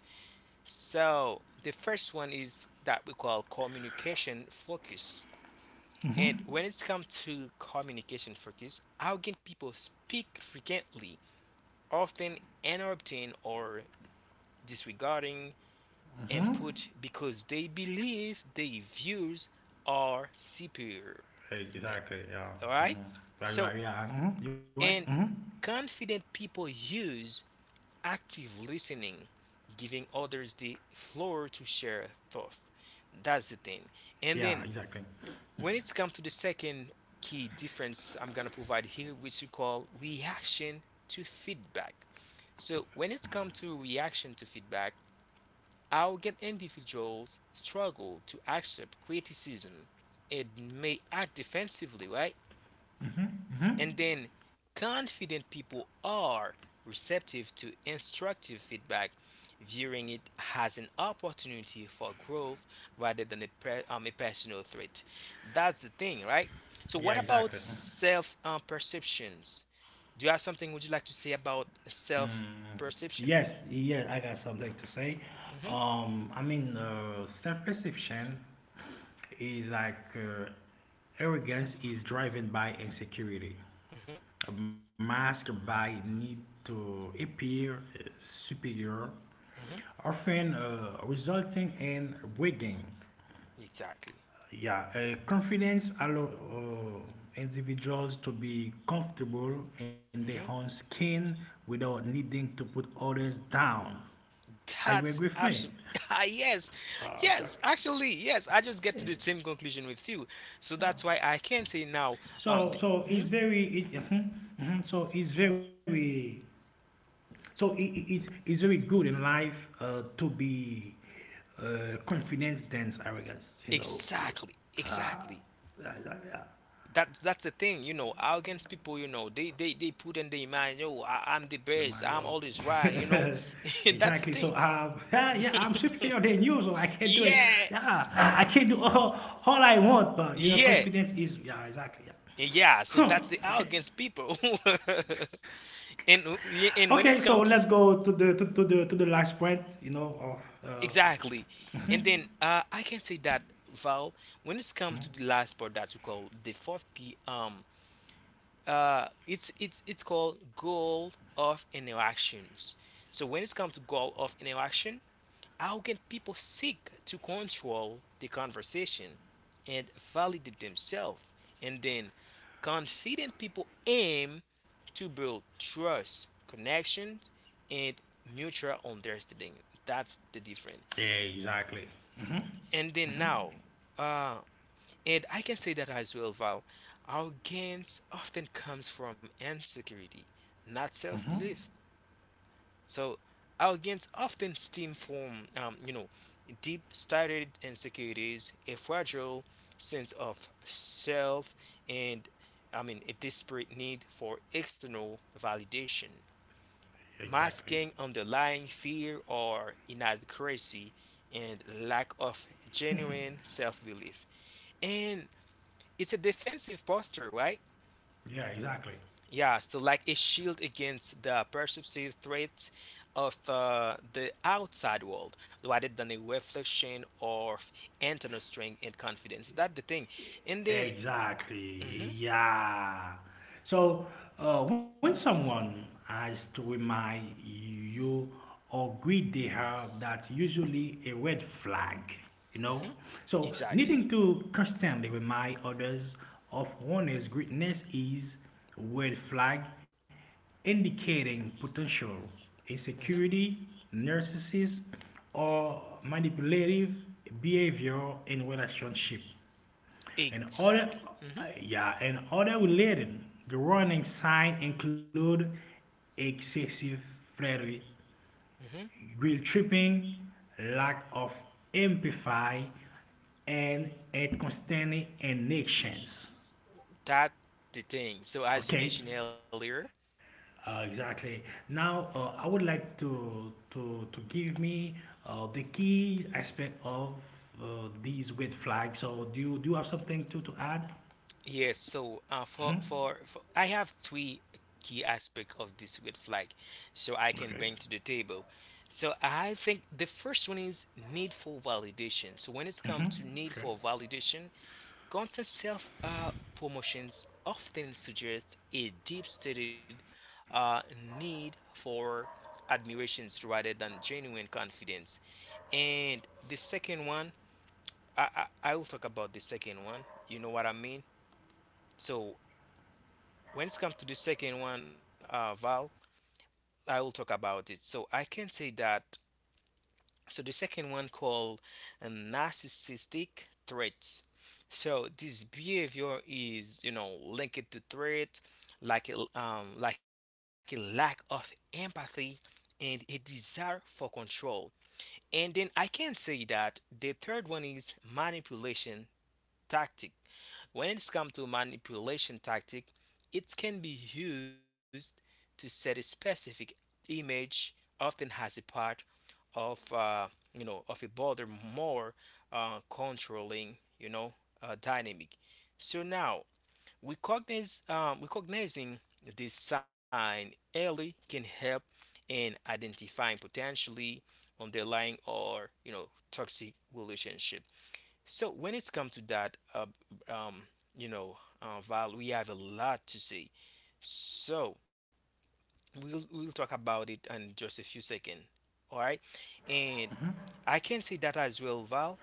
Speaker 1: So, the first one is that we call communication focus. And when it's come to communication focus, arrogant people speak frequently, often interrupting or disregarding input because they believe their views are superior.
Speaker 2: Hey, exactly. Yeah.
Speaker 1: All right.
Speaker 2: hmm Right.
Speaker 1: So,
Speaker 2: Right. Yeah. Mhm. You right? hmm
Speaker 1: and confident people use active listening, giving others the floor to share thoughts. That's the thing. And
Speaker 2: Yeah.
Speaker 1: then
Speaker 2: Exactly.
Speaker 1: when it's come to the second key difference I'm gonna provide here, which we call reaction to feedback. So when it's come to reaction to feedback, I'll get individuals struggle to accept criticism and may act defensively, right?
Speaker 2: hmm hmm
Speaker 1: And then confident people are receptive to instructive feedback, viewing it as an opportunity for growth rather than a personal threat. That's the thing, right? So,
Speaker 2: Yeah.
Speaker 1: what about
Speaker 2: Exactly. Mhm.
Speaker 1: self perceptions? Do you have something would you like to say about self
Speaker 2: Mm,
Speaker 1: perception?
Speaker 2: yes, yeah, I got something to say.
Speaker 1: Hmm.
Speaker 2: I mean, self-perception is like arrogance is driven by insecurity,
Speaker 1: Hmm.
Speaker 2: masked by need to appear uh, superior,
Speaker 1: Hmm.
Speaker 2: often resulting in bragging.
Speaker 1: Exactly.
Speaker 2: Yeah, confidence allows individuals to be comfortable in their own
Speaker 1: Hmm.
Speaker 2: skin without needing to put others down. Are you
Speaker 1: That's
Speaker 2: agree with me?
Speaker 1: absolutely yes,
Speaker 2: Uh, that,
Speaker 1: yes. Actually, yes. I just get
Speaker 2: that's
Speaker 1: to
Speaker 2: it.
Speaker 1: the same conclusion with you. So
Speaker 2: Yeah.
Speaker 1: that's why I can say now. Um,
Speaker 2: So,
Speaker 1: th-
Speaker 2: so it's
Speaker 1: Mhm.
Speaker 2: very, it, mhm, mhm, so it's very, so it's very good in life to be confident than arrogance. You know,
Speaker 1: Exactly,
Speaker 2: Ah,
Speaker 1: exactly.
Speaker 2: yeah, yeah, yeah.
Speaker 1: That's the thing, you know. Arrogant people, you know, they put in their mind, I'm
Speaker 2: The
Speaker 1: the
Speaker 2: man,
Speaker 1: best, I'm always right, you know.
Speaker 2: exactly.
Speaker 1: That's the
Speaker 2: So,
Speaker 1: thing.
Speaker 2: yeah, yeah, I'm superior than you, so I can't do it.
Speaker 1: Yeah.
Speaker 2: Yeah, I can't do all I want, but your
Speaker 1: Yeah.
Speaker 2: confidence is, yeah, exactly. Yeah.
Speaker 1: Yeah, so
Speaker 2: Huh.
Speaker 1: that's the
Speaker 2: Okay.
Speaker 1: arrogance people. And yeah,
Speaker 2: Okay.
Speaker 1: and when
Speaker 2: So
Speaker 1: it's
Speaker 2: let's
Speaker 1: come to
Speaker 2: go to the last point. You know of.
Speaker 1: exactly. And then I can say that, Val, when it's come to the last part that you call the fourth key, it's it's called goal of interactions. So when it's come to goal of interaction, how can people seek to control the conversation and validate themselves? And then confident people aim to build trust, connections, and mutual understanding. That's the difference.
Speaker 2: Yeah. Exactly.
Speaker 1: And then now, uh, and I can say that as well, Val, arrogance often comes from insecurity, not self
Speaker 2: Mm-hmm.
Speaker 1: belief. So arrogance often stems from, you know, deep-started insecurities, a fragile sense of self, and a desperate need for external validation,
Speaker 2: Exactly.
Speaker 1: masking underlying fear or inadequacy and lack of genuine self-belief. And it's a defensive posture, right?
Speaker 2: Yeah. Exactly.
Speaker 1: Yeah, so like a shield against the perceptive threat of the outside world rather than a reflection of internal strength and confidence. That's the thing. And then,
Speaker 2: Exactly.
Speaker 1: mhm,
Speaker 2: Yeah. So when someone has to remind you or greet the herb, that's usually a red flag, you know. So
Speaker 1: exactly.
Speaker 2: needing to constantly remind others of one's greatness is red flag indicating potential insecurity, narcissism, or manipulative behavior in relationship. In other,
Speaker 1: Exactly. Hmm.
Speaker 2: yeah, in other related, the warning signs include excessive flattery,
Speaker 1: Hmm.
Speaker 2: guilt tripping, lack of empathy, and inconstant connections.
Speaker 1: That the thing. So as you
Speaker 2: Okay,
Speaker 1: mentioned earlier,
Speaker 2: exactly. Now, I would like to give me the key aspect of these red flags. So, do you have something to add?
Speaker 1: yes, for I have three key aspects of this red flag, so I
Speaker 2: Okay,
Speaker 1: can bring to the table. So I think the first one is need for validation. So when it's come to need
Speaker 2: okay,
Speaker 1: for validation, constant self promotions often suggest a deep-stated need for admirations rather than genuine confidence. And the second one, I will talk about the second one. You know what I mean? So when it comes to the second one Val, I will talk about it so I can say that so the second one called narcissistic traits. So this behavior is, you know, linked to threat like like a lack of empathy and a desire for control. And then I can say that the third one is manipulation tactic. When it comes to manipulation tactic, it can be used to set a specific image, often has a part of you know, of a broader, more controlling, you know, dynamic. So now recognize recognizing this sign early can help in identifying potentially underlying or, you know, toxic relationship. So when it's come to that, um, you know, Val, we have a lot to say. So we'll talk about it in just a few seconds. All right, and I can say that as well, Val.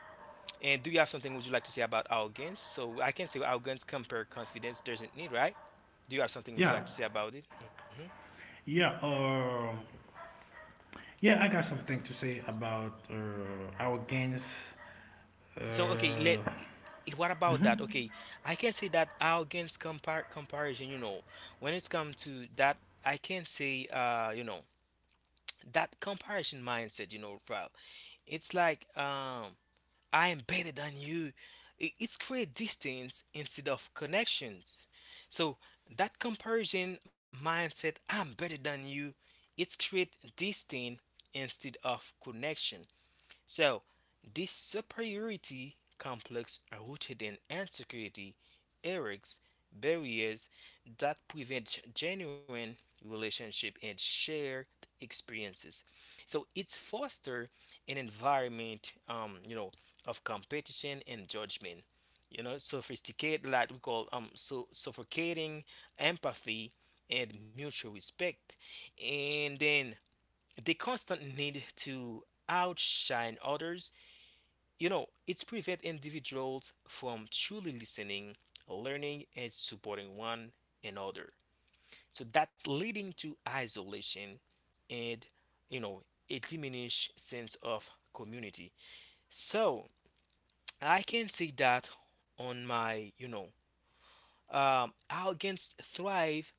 Speaker 1: And do you have something would you like to say about arrogance? So I can say arrogance compare confidence doesn't need, right? Do you have something would you like
Speaker 2: yeah.
Speaker 1: to say about it? Hmm
Speaker 2: Yeah, yeah, I got something to say about our gains.
Speaker 1: So okay, let
Speaker 2: Uh,
Speaker 1: it- what about that? Okay, I can say that arrogance compar comparison. You know, when it's come to that, I can say, you know, that comparison mindset, you know, Ralph. It's like I am better than you. It's create distance instead of connections. So that comparison mindset, I'm better than you. It's create distance instead of connection. So, this superiority complex are rooted in insecurity, errors, barriers that prevent genuine relationship and shared experiences. So it's foster an environment, you know, of competition and judgment. You know, sophisticated, like we call, so suffocating empathy and mutual respect, and then the constant need to outshine others, you know, it prevents individuals from truly listening, learning, and supporting one another. So that's leading to isolation and, you know, a diminished sense of community. So I can say that on my, you know, arrogance thrive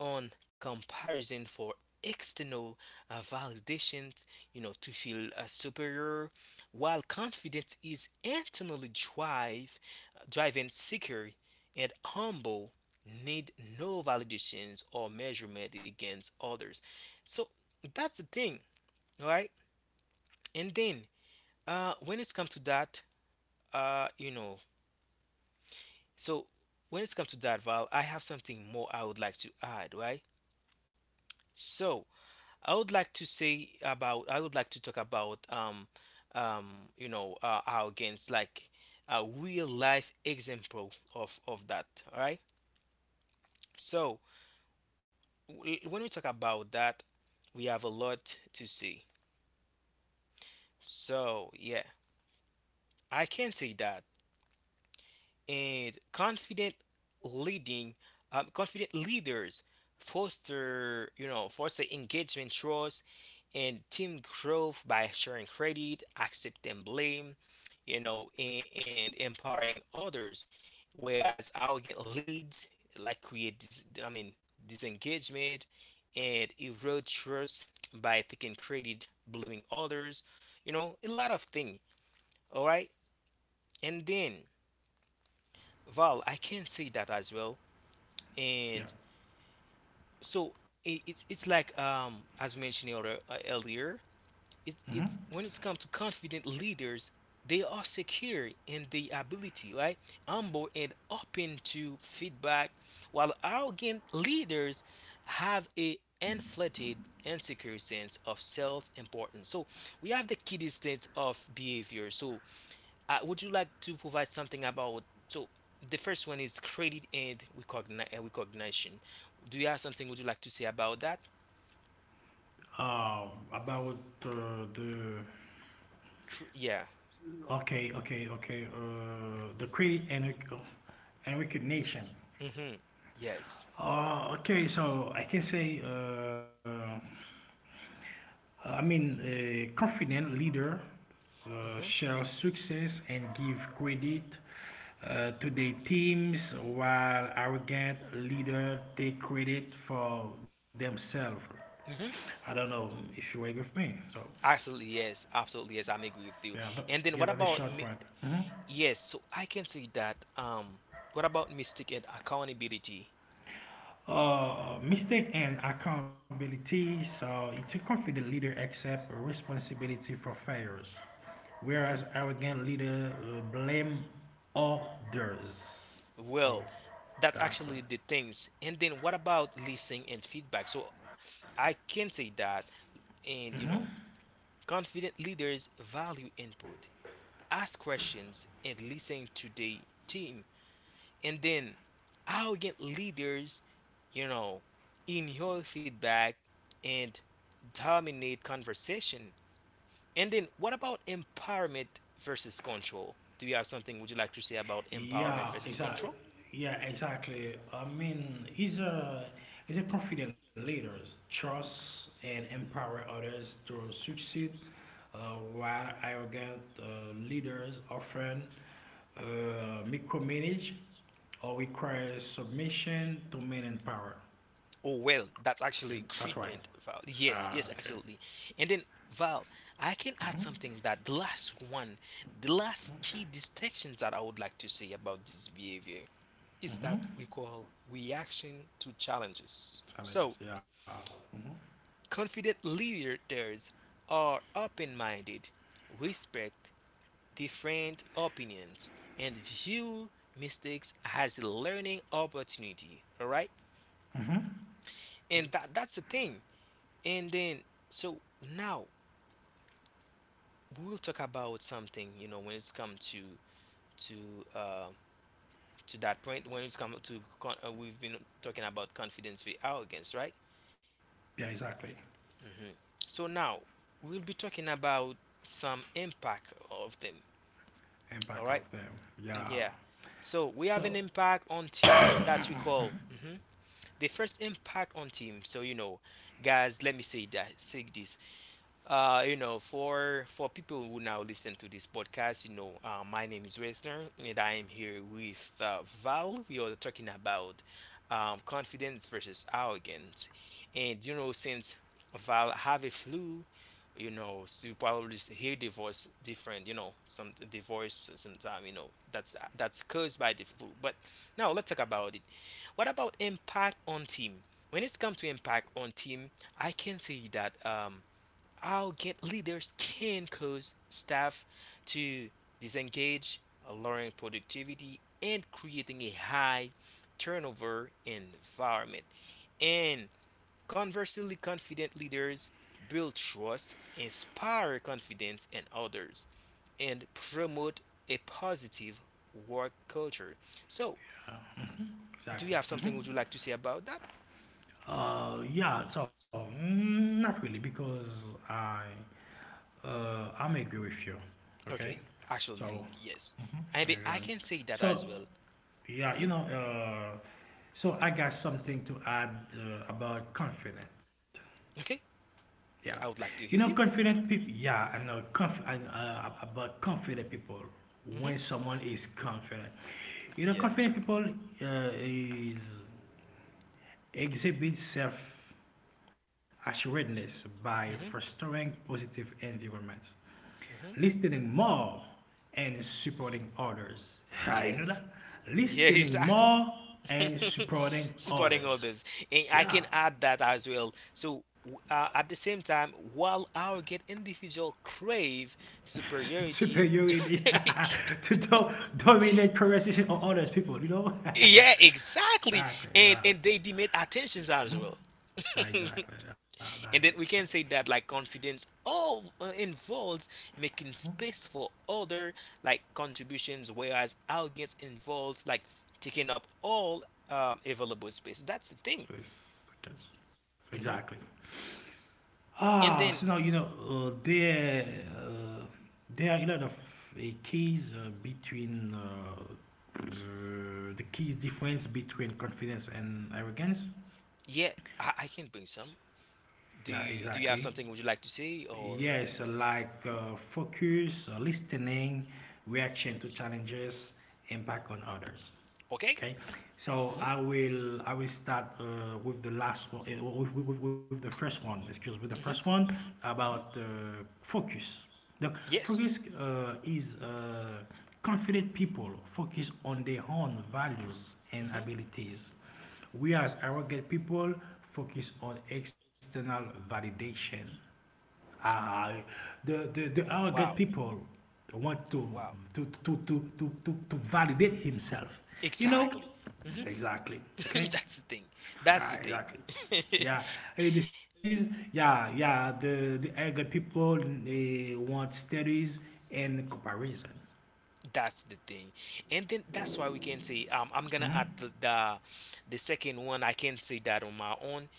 Speaker 1: on comparison for external validation, you know, to feel superior, while confidence is driven, secure and humble, need no validations or measurement against others. So that's the thing, all right? And then when it's come to that, uh, you know, so when it's come to that, Val, I have something more I would like to add, right? So I would like to talk about our games like a real life example of that. All right. So when we talk about that, we have a lot to see. So yeah, I can say that and confident leading confident leaders foster, you know, foster engagement, trust, and team growth by sharing credit, accepting blame, you know, and empowering others, whereas arrogant leads like create disengagement and erode trust by taking credit, blaming others, you know, a lot of things, all right? And then Val, I can see that as well.
Speaker 2: yeah,
Speaker 1: And so it's like, as we mentioned earlier, it, it's when it's come to confident leaders, they are secure in the ability, right, humble and open to feedback, while arrogant leaders have a inflated insecure sense of self importance. So we have the key distance of behavior. So would you like to provide something about, so the first one is recognition. Do you have something would you like to say about that?
Speaker 2: about the
Speaker 1: Yeah.
Speaker 2: okay, okay, okay, the credit and and recognition.
Speaker 1: Mm-hmm. Yes.
Speaker 2: Okay, so I can say. A confident leader
Speaker 1: Mm-hmm.
Speaker 2: share success and give credit to their teams, while arrogant leader take credit for themselves.
Speaker 1: Mm-hmm.
Speaker 2: I don't know if you agree with me. So
Speaker 1: Absolutely, yes. Absolutely, yes. I'm agree with you.
Speaker 2: yeah, that,
Speaker 1: And then
Speaker 2: yeah,
Speaker 1: what
Speaker 2: that's a
Speaker 1: about
Speaker 2: short point. Mhm.
Speaker 1: yes? So I can say that. What about mistake and accountability?
Speaker 2: Mistake and accountability. So it's a confident leader accept responsibility for failures, whereas arrogant
Speaker 1: Mm-hmm.
Speaker 2: leader blame others. So
Speaker 1: Well, that's
Speaker 2: that's what.
Speaker 1: actually the things. And then what about listening and feedback? So I can say that, and you know, confident leaders value input, ask questions, and listen to the team. And then arrogant leaders, you know, ignore feedback and dominate conversation. And then what about empowerment versus control? Do you have something would you like to say about empowerment
Speaker 2: Yeah,
Speaker 1: versus
Speaker 2: exactly.
Speaker 1: control?
Speaker 2: Yeah, exactly. He's a confident leader, trust and empower others to succeed, while arrogant leaders often uh, micromanage or requires submission, domain, and power.
Speaker 1: Oh well, that's
Speaker 2: Okay, that's
Speaker 1: actually
Speaker 2: right.
Speaker 1: great point, Val. Yes,
Speaker 2: Okay.
Speaker 1: yes, absolutely. And then Val, I can add
Speaker 2: Mm-hmm.
Speaker 1: something that the last one, the last key distinction that I would like to say about this behavior is that
Speaker 2: Mm-hmm.
Speaker 1: we call reaction to challenges.
Speaker 2: Challenges,
Speaker 1: So
Speaker 2: yeah. Mm-hmm.
Speaker 1: confident leaders are open-minded, respect different opinions, and view mistakes as a learning opportunity. All right,
Speaker 2: Mm-hmm.
Speaker 1: and that's the thing. And then, so now we will talk about something, you know, when it's come to uh, to that point. When it's come to we've been talking about confidence v arrogance, right?
Speaker 2: Yeah, exactly.
Speaker 1: So now we'll be talking about some impact of them. All
Speaker 2: Impact of
Speaker 1: right.
Speaker 2: them,
Speaker 1: Mm,
Speaker 2: yeah.
Speaker 1: yeah. So we have an
Speaker 2: So,
Speaker 1: impact on team that we call, mhm, the first impact on team. So you know, guys, let me say that say this. You know, for people who now listen to this podcast, you know, my name is Resner, and I am here with Val. We are talking about confidence versus arrogance, and you know, since Val have a flu, you know, so you probably hear the voice different. You know, some the voice sometimes, you know, that's caused by the flu. But now let's talk about it. What about impact on team? When it's come to impact on team, I can say that. How get leaders can cause staff to disengage, lowering productivity and creating a high turnover environment. And conversely, confident leaders build trust, inspire confidence in others, and promote a positive work culture. So,
Speaker 2: yeah,
Speaker 1: do you have
Speaker 2: exactly.
Speaker 1: something would you like to say about that?
Speaker 2: Yeah, so not really because I I'm agree with you.
Speaker 1: Okay,
Speaker 2: Okay,
Speaker 1: actually,
Speaker 2: so
Speaker 1: yes.
Speaker 2: hmm
Speaker 1: I mean, I
Speaker 2: um,
Speaker 1: can say that as
Speaker 2: so
Speaker 1: well.
Speaker 2: yeah,
Speaker 1: Hmm
Speaker 2: so I got something to add about confident.
Speaker 1: Okay,
Speaker 2: Yeah,
Speaker 1: I would like
Speaker 2: you
Speaker 1: to
Speaker 2: know,
Speaker 1: hear you.
Speaker 2: confident people. Yeah, I know conf- I, About confident people. When
Speaker 1: Hmm
Speaker 2: someone is confident, you know,
Speaker 1: Yeah.
Speaker 2: confident people is exhibits self-assuredness by fostering positive environments, listening more, and supporting others. Ah, you know
Speaker 1: Yes.
Speaker 2: that?
Speaker 1: Yeah,
Speaker 2: Listening
Speaker 1: exactly.
Speaker 2: more and supporting
Speaker 1: Supporting
Speaker 2: others.
Speaker 1: others. And I
Speaker 2: Yeah.
Speaker 1: can add that as well. So, at the same time, while our get individual crave superiority,
Speaker 2: Superiority to do- dominate conversation on others people, you know?
Speaker 1: yeah, exactly.
Speaker 2: Exactly, yeah.
Speaker 1: And they demand attentions as
Speaker 2: Mhm.
Speaker 1: well.
Speaker 2: Exactly, yeah. That's
Speaker 1: And
Speaker 2: a
Speaker 1: then
Speaker 2: fact.
Speaker 1: we can say that, like, confidence all involves making
Speaker 2: Mhm.
Speaker 1: space for other like contributions, whereas arrogance involves like taking up all available space. That's the thing.
Speaker 2: So it's- so so exactly.
Speaker 1: Hmm
Speaker 2: Ah,
Speaker 1: And
Speaker 2: so now
Speaker 1: then
Speaker 2: you know there are a lot of keys between the keys difference between confidence and arrogance.
Speaker 1: yeah, I can bring some.
Speaker 2: Yeah,
Speaker 1: Do you do
Speaker 2: exactly.
Speaker 1: you have something would you like to say or
Speaker 2: Yes, like focus, listening, reaction to challenges, impact on others.
Speaker 1: okay?
Speaker 2: Okay, so
Speaker 1: hmm
Speaker 2: I will start with the last one, with the first one. Excuse me, with the first
Speaker 1: hmm
Speaker 2: one about
Speaker 1: hmm
Speaker 2: focus. The
Speaker 1: Yes.
Speaker 2: focus is confident people focus on their own values and
Speaker 1: hmm
Speaker 2: abilities, whereas arrogant people focus on external validation. Ah, the arrogant
Speaker 1: Wow.
Speaker 2: people want
Speaker 1: Wow.
Speaker 2: to validate himself. You know?
Speaker 1: Exactly. hmm
Speaker 2: Exactly. Okay?
Speaker 1: That's the thing. That's the
Speaker 2: Ah,
Speaker 1: thing.
Speaker 2: exactly. Yeah. The studies, yeah, yeah, the arrogant people they want studies and comparison.
Speaker 1: That's the thing. And then that's why we can say, I'm gonna add
Speaker 2: Mhm.
Speaker 1: the second one. I can say that on my own.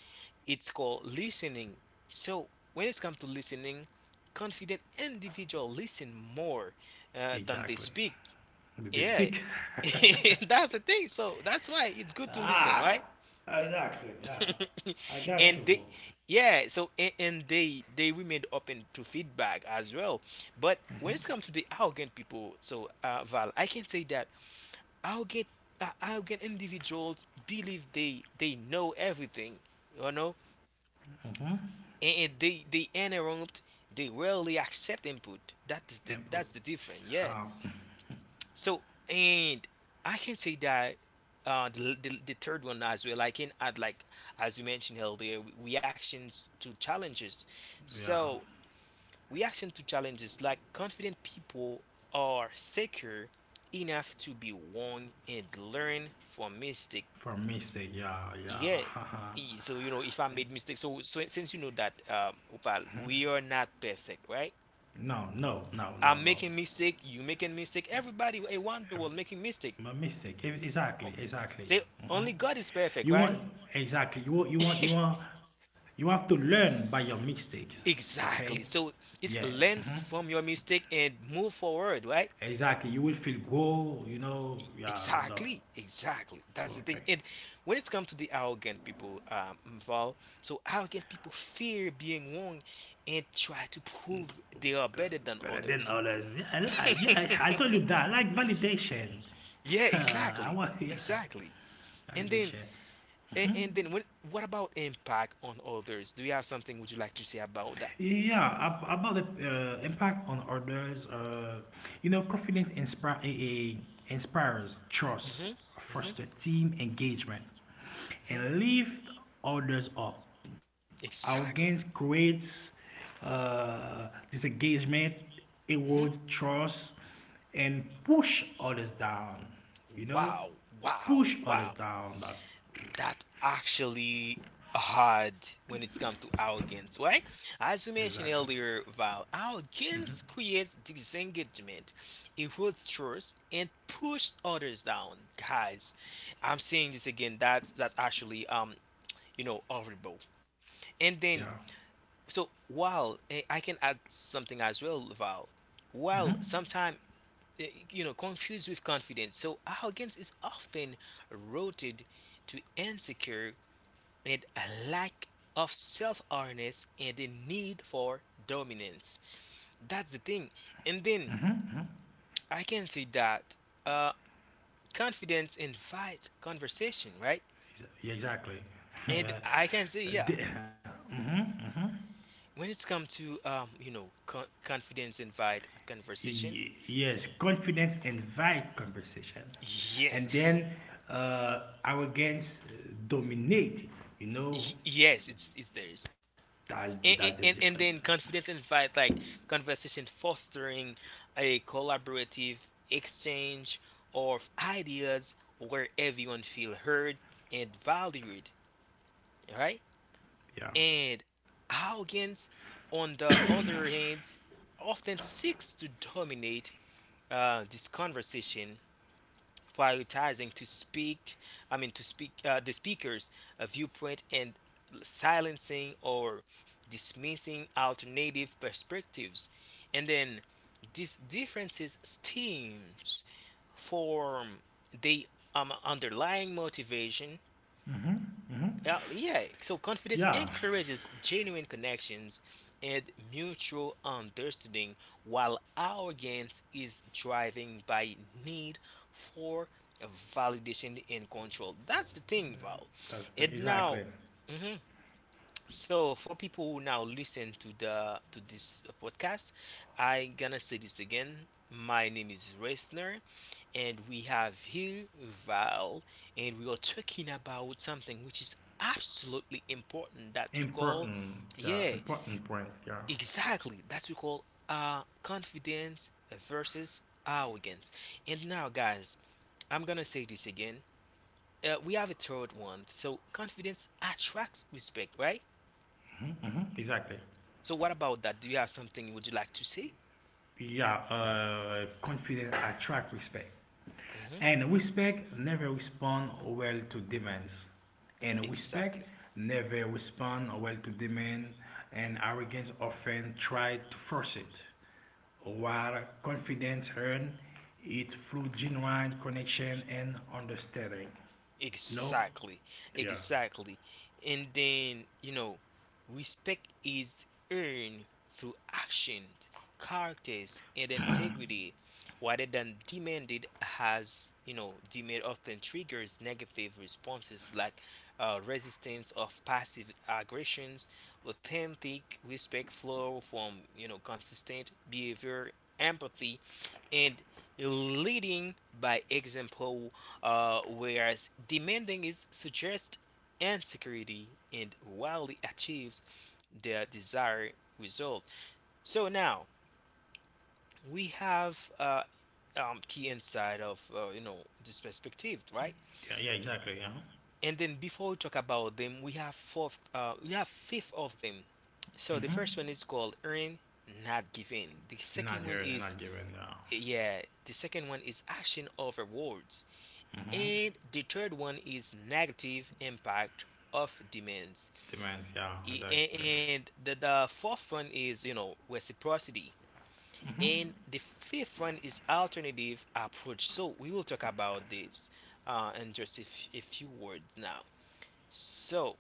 Speaker 1: It's called listening. So when it comes to listening, confident individual listen more than they
Speaker 2: Exactly.
Speaker 1: speak.
Speaker 2: Did they
Speaker 1: Yeah,
Speaker 2: speak?
Speaker 1: that's the thing. So that's why it's good to listen,
Speaker 2: Ah,
Speaker 1: right?
Speaker 2: exactly. Yeah. I got
Speaker 1: And
Speaker 2: you, bro.
Speaker 1: they, yeah. So and they remained open to feedback as well. But when it comes to the arrogant people, so Val, I can say that arrogant arrogant individuals believe they know everything, you know, and they interrupt. They rarely accept input. That is
Speaker 2: Input.
Speaker 1: the difference. Yeah.
Speaker 2: Ah,
Speaker 1: So and I can say that the third one as well. I can add, like, as you mentioned earlier, reactions to challenges.
Speaker 2: yeah.
Speaker 1: So reaction to challenges, like confident people are secure enough to be wrong and learn from mistake.
Speaker 2: For mistake, yeah,
Speaker 1: Yeah.
Speaker 2: yeah.
Speaker 1: So you know if I
Speaker 2: Like,
Speaker 1: made mistakes. So so since you know that, Opal, we are not perfect, right?
Speaker 2: no, no, no, no,
Speaker 1: I'm
Speaker 2: no.
Speaker 1: making mistake. You making mistake. Everybody, a wonder world
Speaker 2: Ev-
Speaker 1: making mistake.
Speaker 2: My mistake. Exactly, exactly.
Speaker 1: So
Speaker 2: Hmm.
Speaker 1: only God is perfect,
Speaker 2: You
Speaker 1: right?
Speaker 2: want exactly. You want. You want. You want. You have to learn by your mistakes. Okay.
Speaker 1: Exactly. So
Speaker 2: Yeah.
Speaker 1: it's
Speaker 2: Hmm.
Speaker 1: learn from your mistake and move forward, right?
Speaker 2: Exactly. You will feel go. You know. Yeah.
Speaker 1: Exactly, exactly.
Speaker 2: So,
Speaker 1: That's the thing.
Speaker 2: okay.
Speaker 1: And when it's come to the arrogant people, Val, so arrogant people fear being wrong and try to prove they are
Speaker 2: The,
Speaker 1: better than
Speaker 2: better than
Speaker 1: others.
Speaker 2: others. Yeah. I like. Yeah. I told you that. I like validation.
Speaker 1: Yeah,
Speaker 2: I
Speaker 1: exactly,
Speaker 2: want. Yeah.
Speaker 1: exactly. And then,
Speaker 2: Validation.
Speaker 1: when what about impact on others? Do you have something would you like to say about that?
Speaker 2: About the impact on others, you know, confidence inspire, eh, eh, inspires trust,
Speaker 1: Hmm hmm
Speaker 2: foster team engagement,
Speaker 1: hmm
Speaker 2: and lift others up. Arrogance
Speaker 1: Exactly.
Speaker 2: creates disengagement,
Speaker 1: hmm
Speaker 2: erodes trust, and push others down. You know,
Speaker 1: Wow. Wow.
Speaker 2: push
Speaker 1: Wow.
Speaker 2: others down. That
Speaker 1: That actually hard when it's come to arrogance, right? As you
Speaker 2: exactly.
Speaker 1: mentioned earlier, Val,
Speaker 2: Hmm.
Speaker 1: arrogance creates disengagement, erodes trust, and pushes others down. Guys, I'm saying this again. That's actually, you know, horrible. And
Speaker 2: Yeah.
Speaker 1: then so while I can add something as well, Val, while
Speaker 2: Hmm.
Speaker 1: sometimes you know confused with confidence, so arrogance is often rooted to insecure and a lack of self-awareness and a need for dominance. That's the thing. And then
Speaker 2: Hmm. Hmm.
Speaker 1: I can say that uh, confidence invites conversation, right?
Speaker 2: Yeah, exactly.
Speaker 1: And I can say, yeah,
Speaker 2: The, uh mhm, mhm.
Speaker 1: when it's come to confidence invite a conversation.
Speaker 2: Yes, confidence invite conversation,
Speaker 1: Yes,
Speaker 2: and then arrogance dominate it. You know,
Speaker 1: Yes, it's theirs.
Speaker 2: that's the
Speaker 1: And
Speaker 2: difference.
Speaker 1: then confidence invite like conversation fostering a collaborative exchange of ideas where everyone feel heard and valued, right?
Speaker 2: Yeah.
Speaker 1: And arrogance, on the other hand, often seeks to dominate this conversation prioritizing to speak, I mean, to speak the speaker's viewpoint and silencing or dismissing alternative perspectives. And then these differences stems from the underlying motivation
Speaker 2: Mhm, mhm.
Speaker 1: yeah, so confidence
Speaker 2: Yeah.
Speaker 1: encourages genuine connections and mutual understanding, while arrogance is driven by need for validation and control. That's the thing, Val.
Speaker 2: That's the,
Speaker 1: And now,
Speaker 2: exactly
Speaker 1: so for people who now listen to the to this podcast, I gonna say this again. My name is Resner, and we have here Val, and we are talking about something which is absolutely important that we call,
Speaker 2: important. Yeah,
Speaker 1: yeah,
Speaker 2: important point. Yeah.
Speaker 1: exactly that we call confidence versus arrogance. And now, guys, I'm gonna say this again. We have a third one. So confidence attracts respect, right?
Speaker 2: Mhm, mhm, exactly.
Speaker 1: So what about that? Do you have something would like to say?
Speaker 2: Yeah. Confidence attract respect.
Speaker 1: Hmm.
Speaker 2: And respect never respond well to demands. And respect
Speaker 1: Exactly.
Speaker 2: never respond well to demand and arrogance often try to force it. While confidence earns it through genuine connection and understanding. You know?
Speaker 1: Exactly.
Speaker 2: Yeah.
Speaker 1: Exactly. And then, you know, respect is earned through actions, characters, and integrity, rather than demanded as you know. Demand often triggers negative responses like resistance of passive aggressions. Authentic respect flow from you know consistent behavior, empathy, and leading by example. Whereas demanding is suggest and security and wildly achieves their desired result. So now we have key insight of you know this perspective, right?
Speaker 2: Yeah, yeah exactly, yeah.
Speaker 1: And then before we talk about them, we have we have fifth of them. So
Speaker 2: Mm-hmm.
Speaker 1: the first one is called earn, not giving. The
Speaker 2: Not
Speaker 1: second one
Speaker 2: heard and
Speaker 1: is
Speaker 2: not given, yeah.
Speaker 1: action over words,
Speaker 2: Mm-hmm.
Speaker 1: and the third one is negative impact of demands.
Speaker 2: Demands, yeah,
Speaker 1: I-
Speaker 2: exactly.
Speaker 1: a- and the fourth one is you know reciprocity
Speaker 2: Mm-hmm.
Speaker 1: and the fifth one is alternative approach, so we will talk about this in just a few words now. So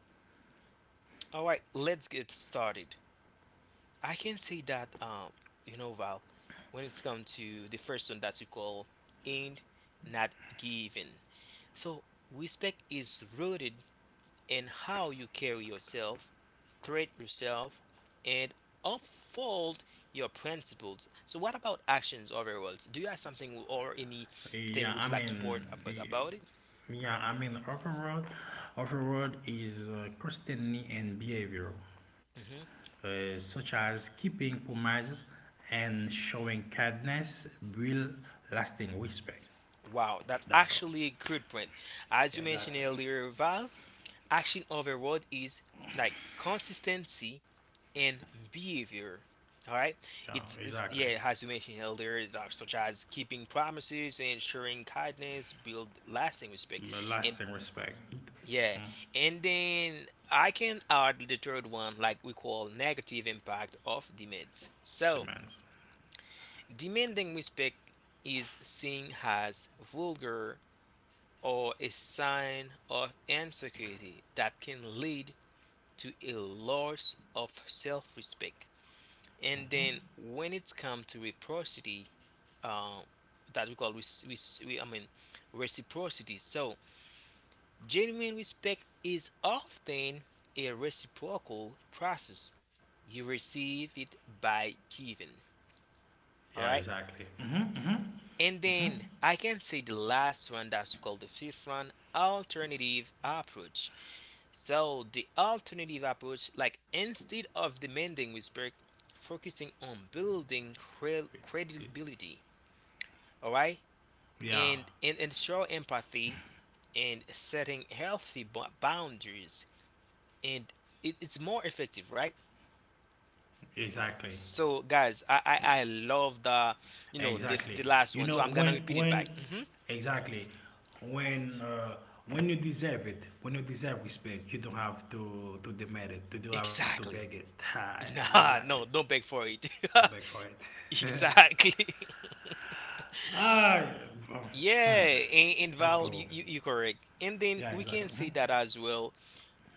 Speaker 1: all right, let's get started. I can say that you know Val, when it's come to the first one that you call in not giving, so respect is rooted and how you carry yourself, treat yourself, and unfold your principles. So, what about actions overall? So do you have something or anything
Speaker 2: Yeah,
Speaker 1: would you
Speaker 2: I
Speaker 1: like to
Speaker 2: mean,
Speaker 1: about it?
Speaker 2: Overall, overall is constantly and behavior,
Speaker 1: Mhm.
Speaker 2: such as keeping promises and showing kindness, build lasting respect.
Speaker 1: Wow, that's
Speaker 2: That's all.
Speaker 1: actually a good point. As you
Speaker 2: Yeah,
Speaker 1: mentioned
Speaker 2: exactly.
Speaker 1: earlier, Val, action overall is like consistency and behavior. All right,
Speaker 2: Yeah,
Speaker 1: it's
Speaker 2: exactly.
Speaker 1: yeah, as you mentioned earlier, is, such as keeping promises, ensuring kindness, build lasting respect, and
Speaker 2: Lasting respect.
Speaker 1: yeah,
Speaker 2: Mhm.
Speaker 1: and then I can add the third one, like we call negative impact of demands. So,
Speaker 2: Demands.
Speaker 1: demanding respect is seen as vulgar or a sign of insecurity that can lead to a loss of self-respect. And
Speaker 2: Hmm.
Speaker 1: then when it's come to reciprocity, uh, that we call I mean reciprocity. So, genuine respect is often a reciprocal process. You receive it by giving. All
Speaker 2: Yeah,
Speaker 1: right.
Speaker 2: exactly. Hmm. Hmm.
Speaker 1: And
Speaker 2: Hmm.
Speaker 1: then I can say the last one that's called the fifth one, alternative approach. So, the alternative approach, like instead of demanding respect, focusing on building credibility, all right,
Speaker 2: Yeah,
Speaker 1: and ensure empathy and setting healthy boundaries. And it's more effective, right?
Speaker 2: exactly.
Speaker 1: So guys, I love the you know
Speaker 2: Exactly.
Speaker 1: the last
Speaker 2: You
Speaker 1: one.
Speaker 2: know
Speaker 1: So I'm gonna repeat it back.
Speaker 2: when
Speaker 1: Hmm.
Speaker 2: exactly when uh, when you deserve it, when you deserve respect, you don't have to demand it. You don't have to beg it.
Speaker 1: Exactly.
Speaker 2: Ah,
Speaker 1: Nah,
Speaker 2: exactly.
Speaker 1: no, don't beg for it.
Speaker 2: To beg for it.
Speaker 1: Exactly.
Speaker 2: ah, bro.
Speaker 1: Yeah,
Speaker 2: Hmm.
Speaker 1: and
Speaker 2: Let's
Speaker 1: Val,
Speaker 2: go.
Speaker 1: you correct. And then
Speaker 2: Yeah,
Speaker 1: we
Speaker 2: exactly.
Speaker 1: can say
Speaker 2: Mhm.
Speaker 1: that as well.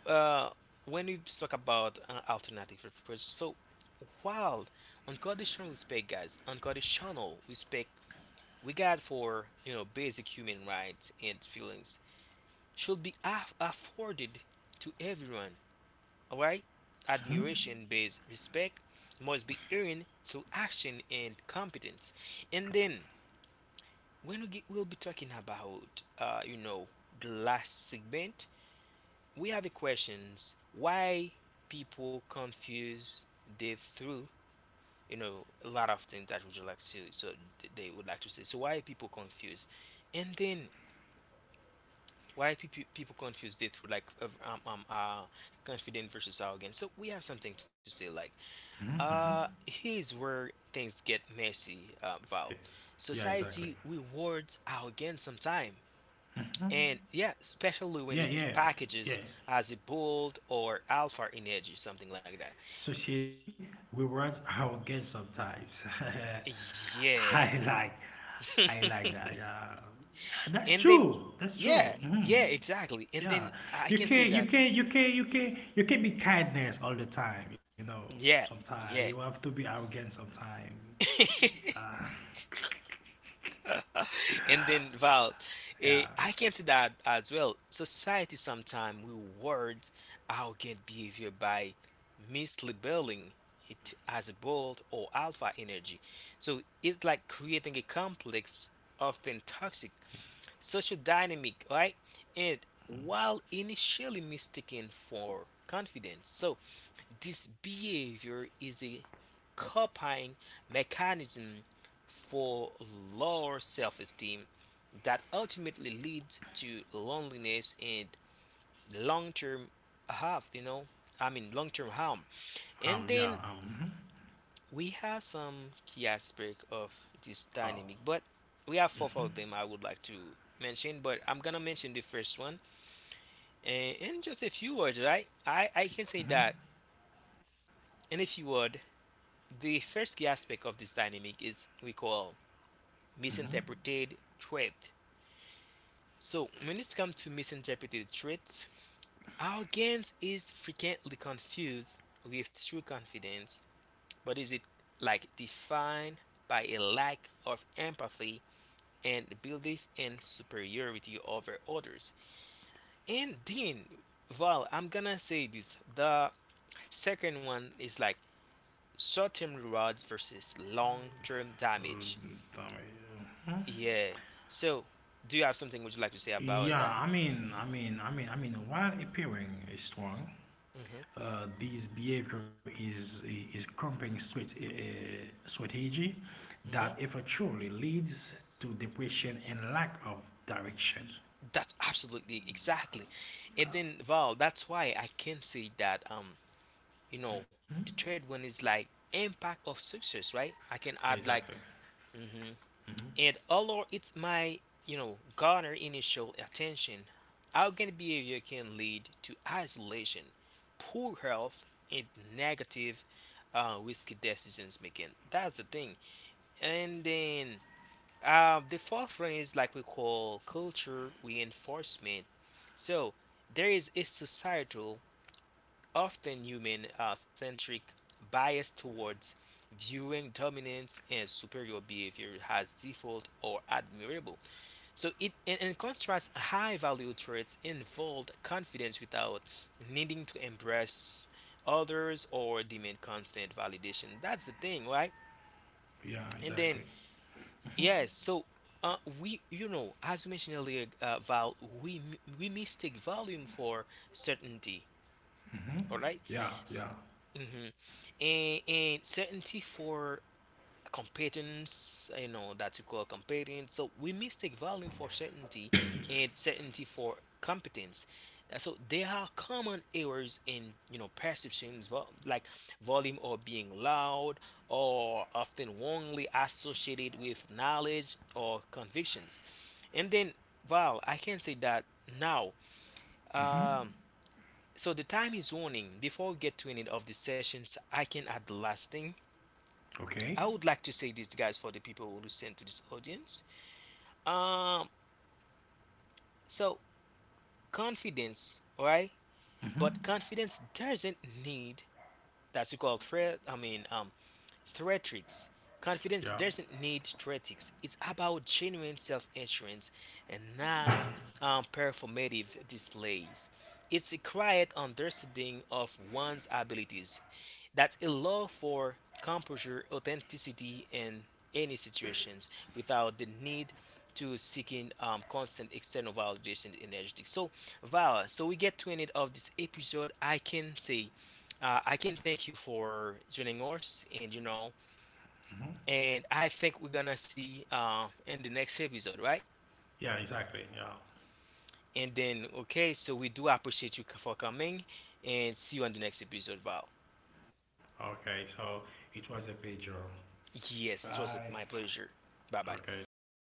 Speaker 1: Uh, when we talk about alternative approach, so while unconditional respect, guys, unconditional respect we got for you know basic human rights and feelings should be afforded to everyone. All right, admiration based respect must be earned through action and competence.
Speaker 2: Copy.
Speaker 1: And then, when we get, we'll be talking about, you know, the last segment, we have a questions why people confuse the through you know a lot of things that would you like to so they would like to say, so why people confuse? And then why people confuse the through like of, confident versus arrogant. So we have something to say like
Speaker 2: Mhm.
Speaker 1: here's where things get messy,
Speaker 2: Yeah.
Speaker 1: Val.
Speaker 2: Yeah, exactly.
Speaker 1: Society rewards arrogance sometimes. And yeah, especially when
Speaker 2: Yeah,
Speaker 1: it's
Speaker 2: yeah,
Speaker 1: packages
Speaker 2: yeah.
Speaker 1: as a bold or alpha energy, something like that.
Speaker 2: Society rewards arrogance sometimes.
Speaker 1: Yeah.
Speaker 2: I like, I like that. Yeah, yeah that's
Speaker 1: And then
Speaker 2: true. That's true.
Speaker 1: yeah, yeah,
Speaker 2: Hmm.
Speaker 1: exactly. And
Speaker 2: Yeah,
Speaker 1: then I
Speaker 2: you
Speaker 1: can say
Speaker 2: can't,
Speaker 1: that,
Speaker 2: be kindness all the time. You know,
Speaker 1: yeah,
Speaker 2: sometimes you
Speaker 1: yeah.
Speaker 2: have to be arrogant. Sometimes. Yeah.
Speaker 1: And then Val,
Speaker 2: Yeah.
Speaker 1: I can say that as well. Society sometimes rewards arrogant behavior by mislabeling it as bold or alpha energy. So it's like creating a complex, often toxic social dynamic, right? And while initially mistaken for confidence, so this behavior is a coping mechanism for lower self esteem that ultimately leads to loneliness and long term harm, you know, I mean, long term harm.
Speaker 2: Yeah.
Speaker 1: And then
Speaker 2: Mhm.
Speaker 1: we have some key aspect of this
Speaker 2: Oh.
Speaker 1: dynamic, but we have four of them I would like to mention, but I'm gonna mention the first one and in just a few words, right? I can say
Speaker 2: Mhm.
Speaker 1: that in a few words, the first key aspect of this dynamic is we call
Speaker 2: Mhm.
Speaker 1: misinterpreted threat. So when it comes to misinterpreted threats, our gains is frequently confused with true confidence, but is it like defined by a lack of empathy and belief in superiority over others. And then, well, I'm gonna say this, the second one is like short term rewards versus long term damage.
Speaker 2: Full time, mhm.
Speaker 1: Yeah. So, do you have something would you like to say about that?
Speaker 2: I mean, while appearing strong,
Speaker 1: Hmm.
Speaker 2: this behavior is company strategy that
Speaker 1: Hmm.
Speaker 2: eventually leads to depression and lack of direction.
Speaker 1: That's absolutely exactly. And then, Val, that's why I can say that, you know,
Speaker 2: Hmm.
Speaker 1: the third one is like impact of success, right? I can
Speaker 2: Yeah,
Speaker 1: add like,
Speaker 2: exactly. Hmm.
Speaker 1: and although it's my you know garner initial attention, arrogant behavior can lead to isolation, poor health, and negative risky decisions making. That's the thing. And then the fourth one is like we call culture reinforcement. So there is a societal, often human centric bias towards viewing dominance and superior behavior as default or admirable. So it in contrast, high value traits involve confidence without needing to embrace others or demand constant validation. That's the thing, right?
Speaker 2: Yeah,
Speaker 1: And
Speaker 2: exactly.
Speaker 1: then yes, so we you know as we mentioned earlier, Val, we mistake volume for certainty.
Speaker 2: Hmm.
Speaker 1: All right,
Speaker 2: Yeah, yeah.
Speaker 1: S- and certainty for competence, you know, that you call competence. So we mistake value for certainty and certainty for competence. So there are common errors in, you know, perceptions like volume or being loud or often wrongly associated with knowledge or convictions. And then, well, I can say that now.
Speaker 2: Hmm.
Speaker 1: Um, so the time is running. Before we get to any of the sessions, I can add the last thing.
Speaker 2: Okay.
Speaker 1: I would like to say this, guys, for the people who listen to this audience. Um, so confidence, all right? But
Speaker 2: Hmm.
Speaker 1: confidence doesn't need that you call threat. I mean, theatrics.
Speaker 2: Yeah.
Speaker 1: Confidence doesn't need theatrics. It's about genuine self-assurance and not performative displays. It's a quiet understanding of one's abilities that allow for composure, authenticity, in any situations without the need to seeking constant external validation in energetic. So, Val, so we get to end of this episode. I can say I can thank you for joining us, and you know
Speaker 2: Hmm.
Speaker 1: and I think we're gonna see in the next episode, right?
Speaker 2: Yeah, exactly. Yeah.
Speaker 1: And then, okay, so we do appreciate you for coming, and see you on the next episode, Val.
Speaker 2: Okay. So it was a page
Speaker 1: Yes, it was
Speaker 2: 5.
Speaker 1: my pleasure. Bye bye.
Speaker 2: Okay, so bye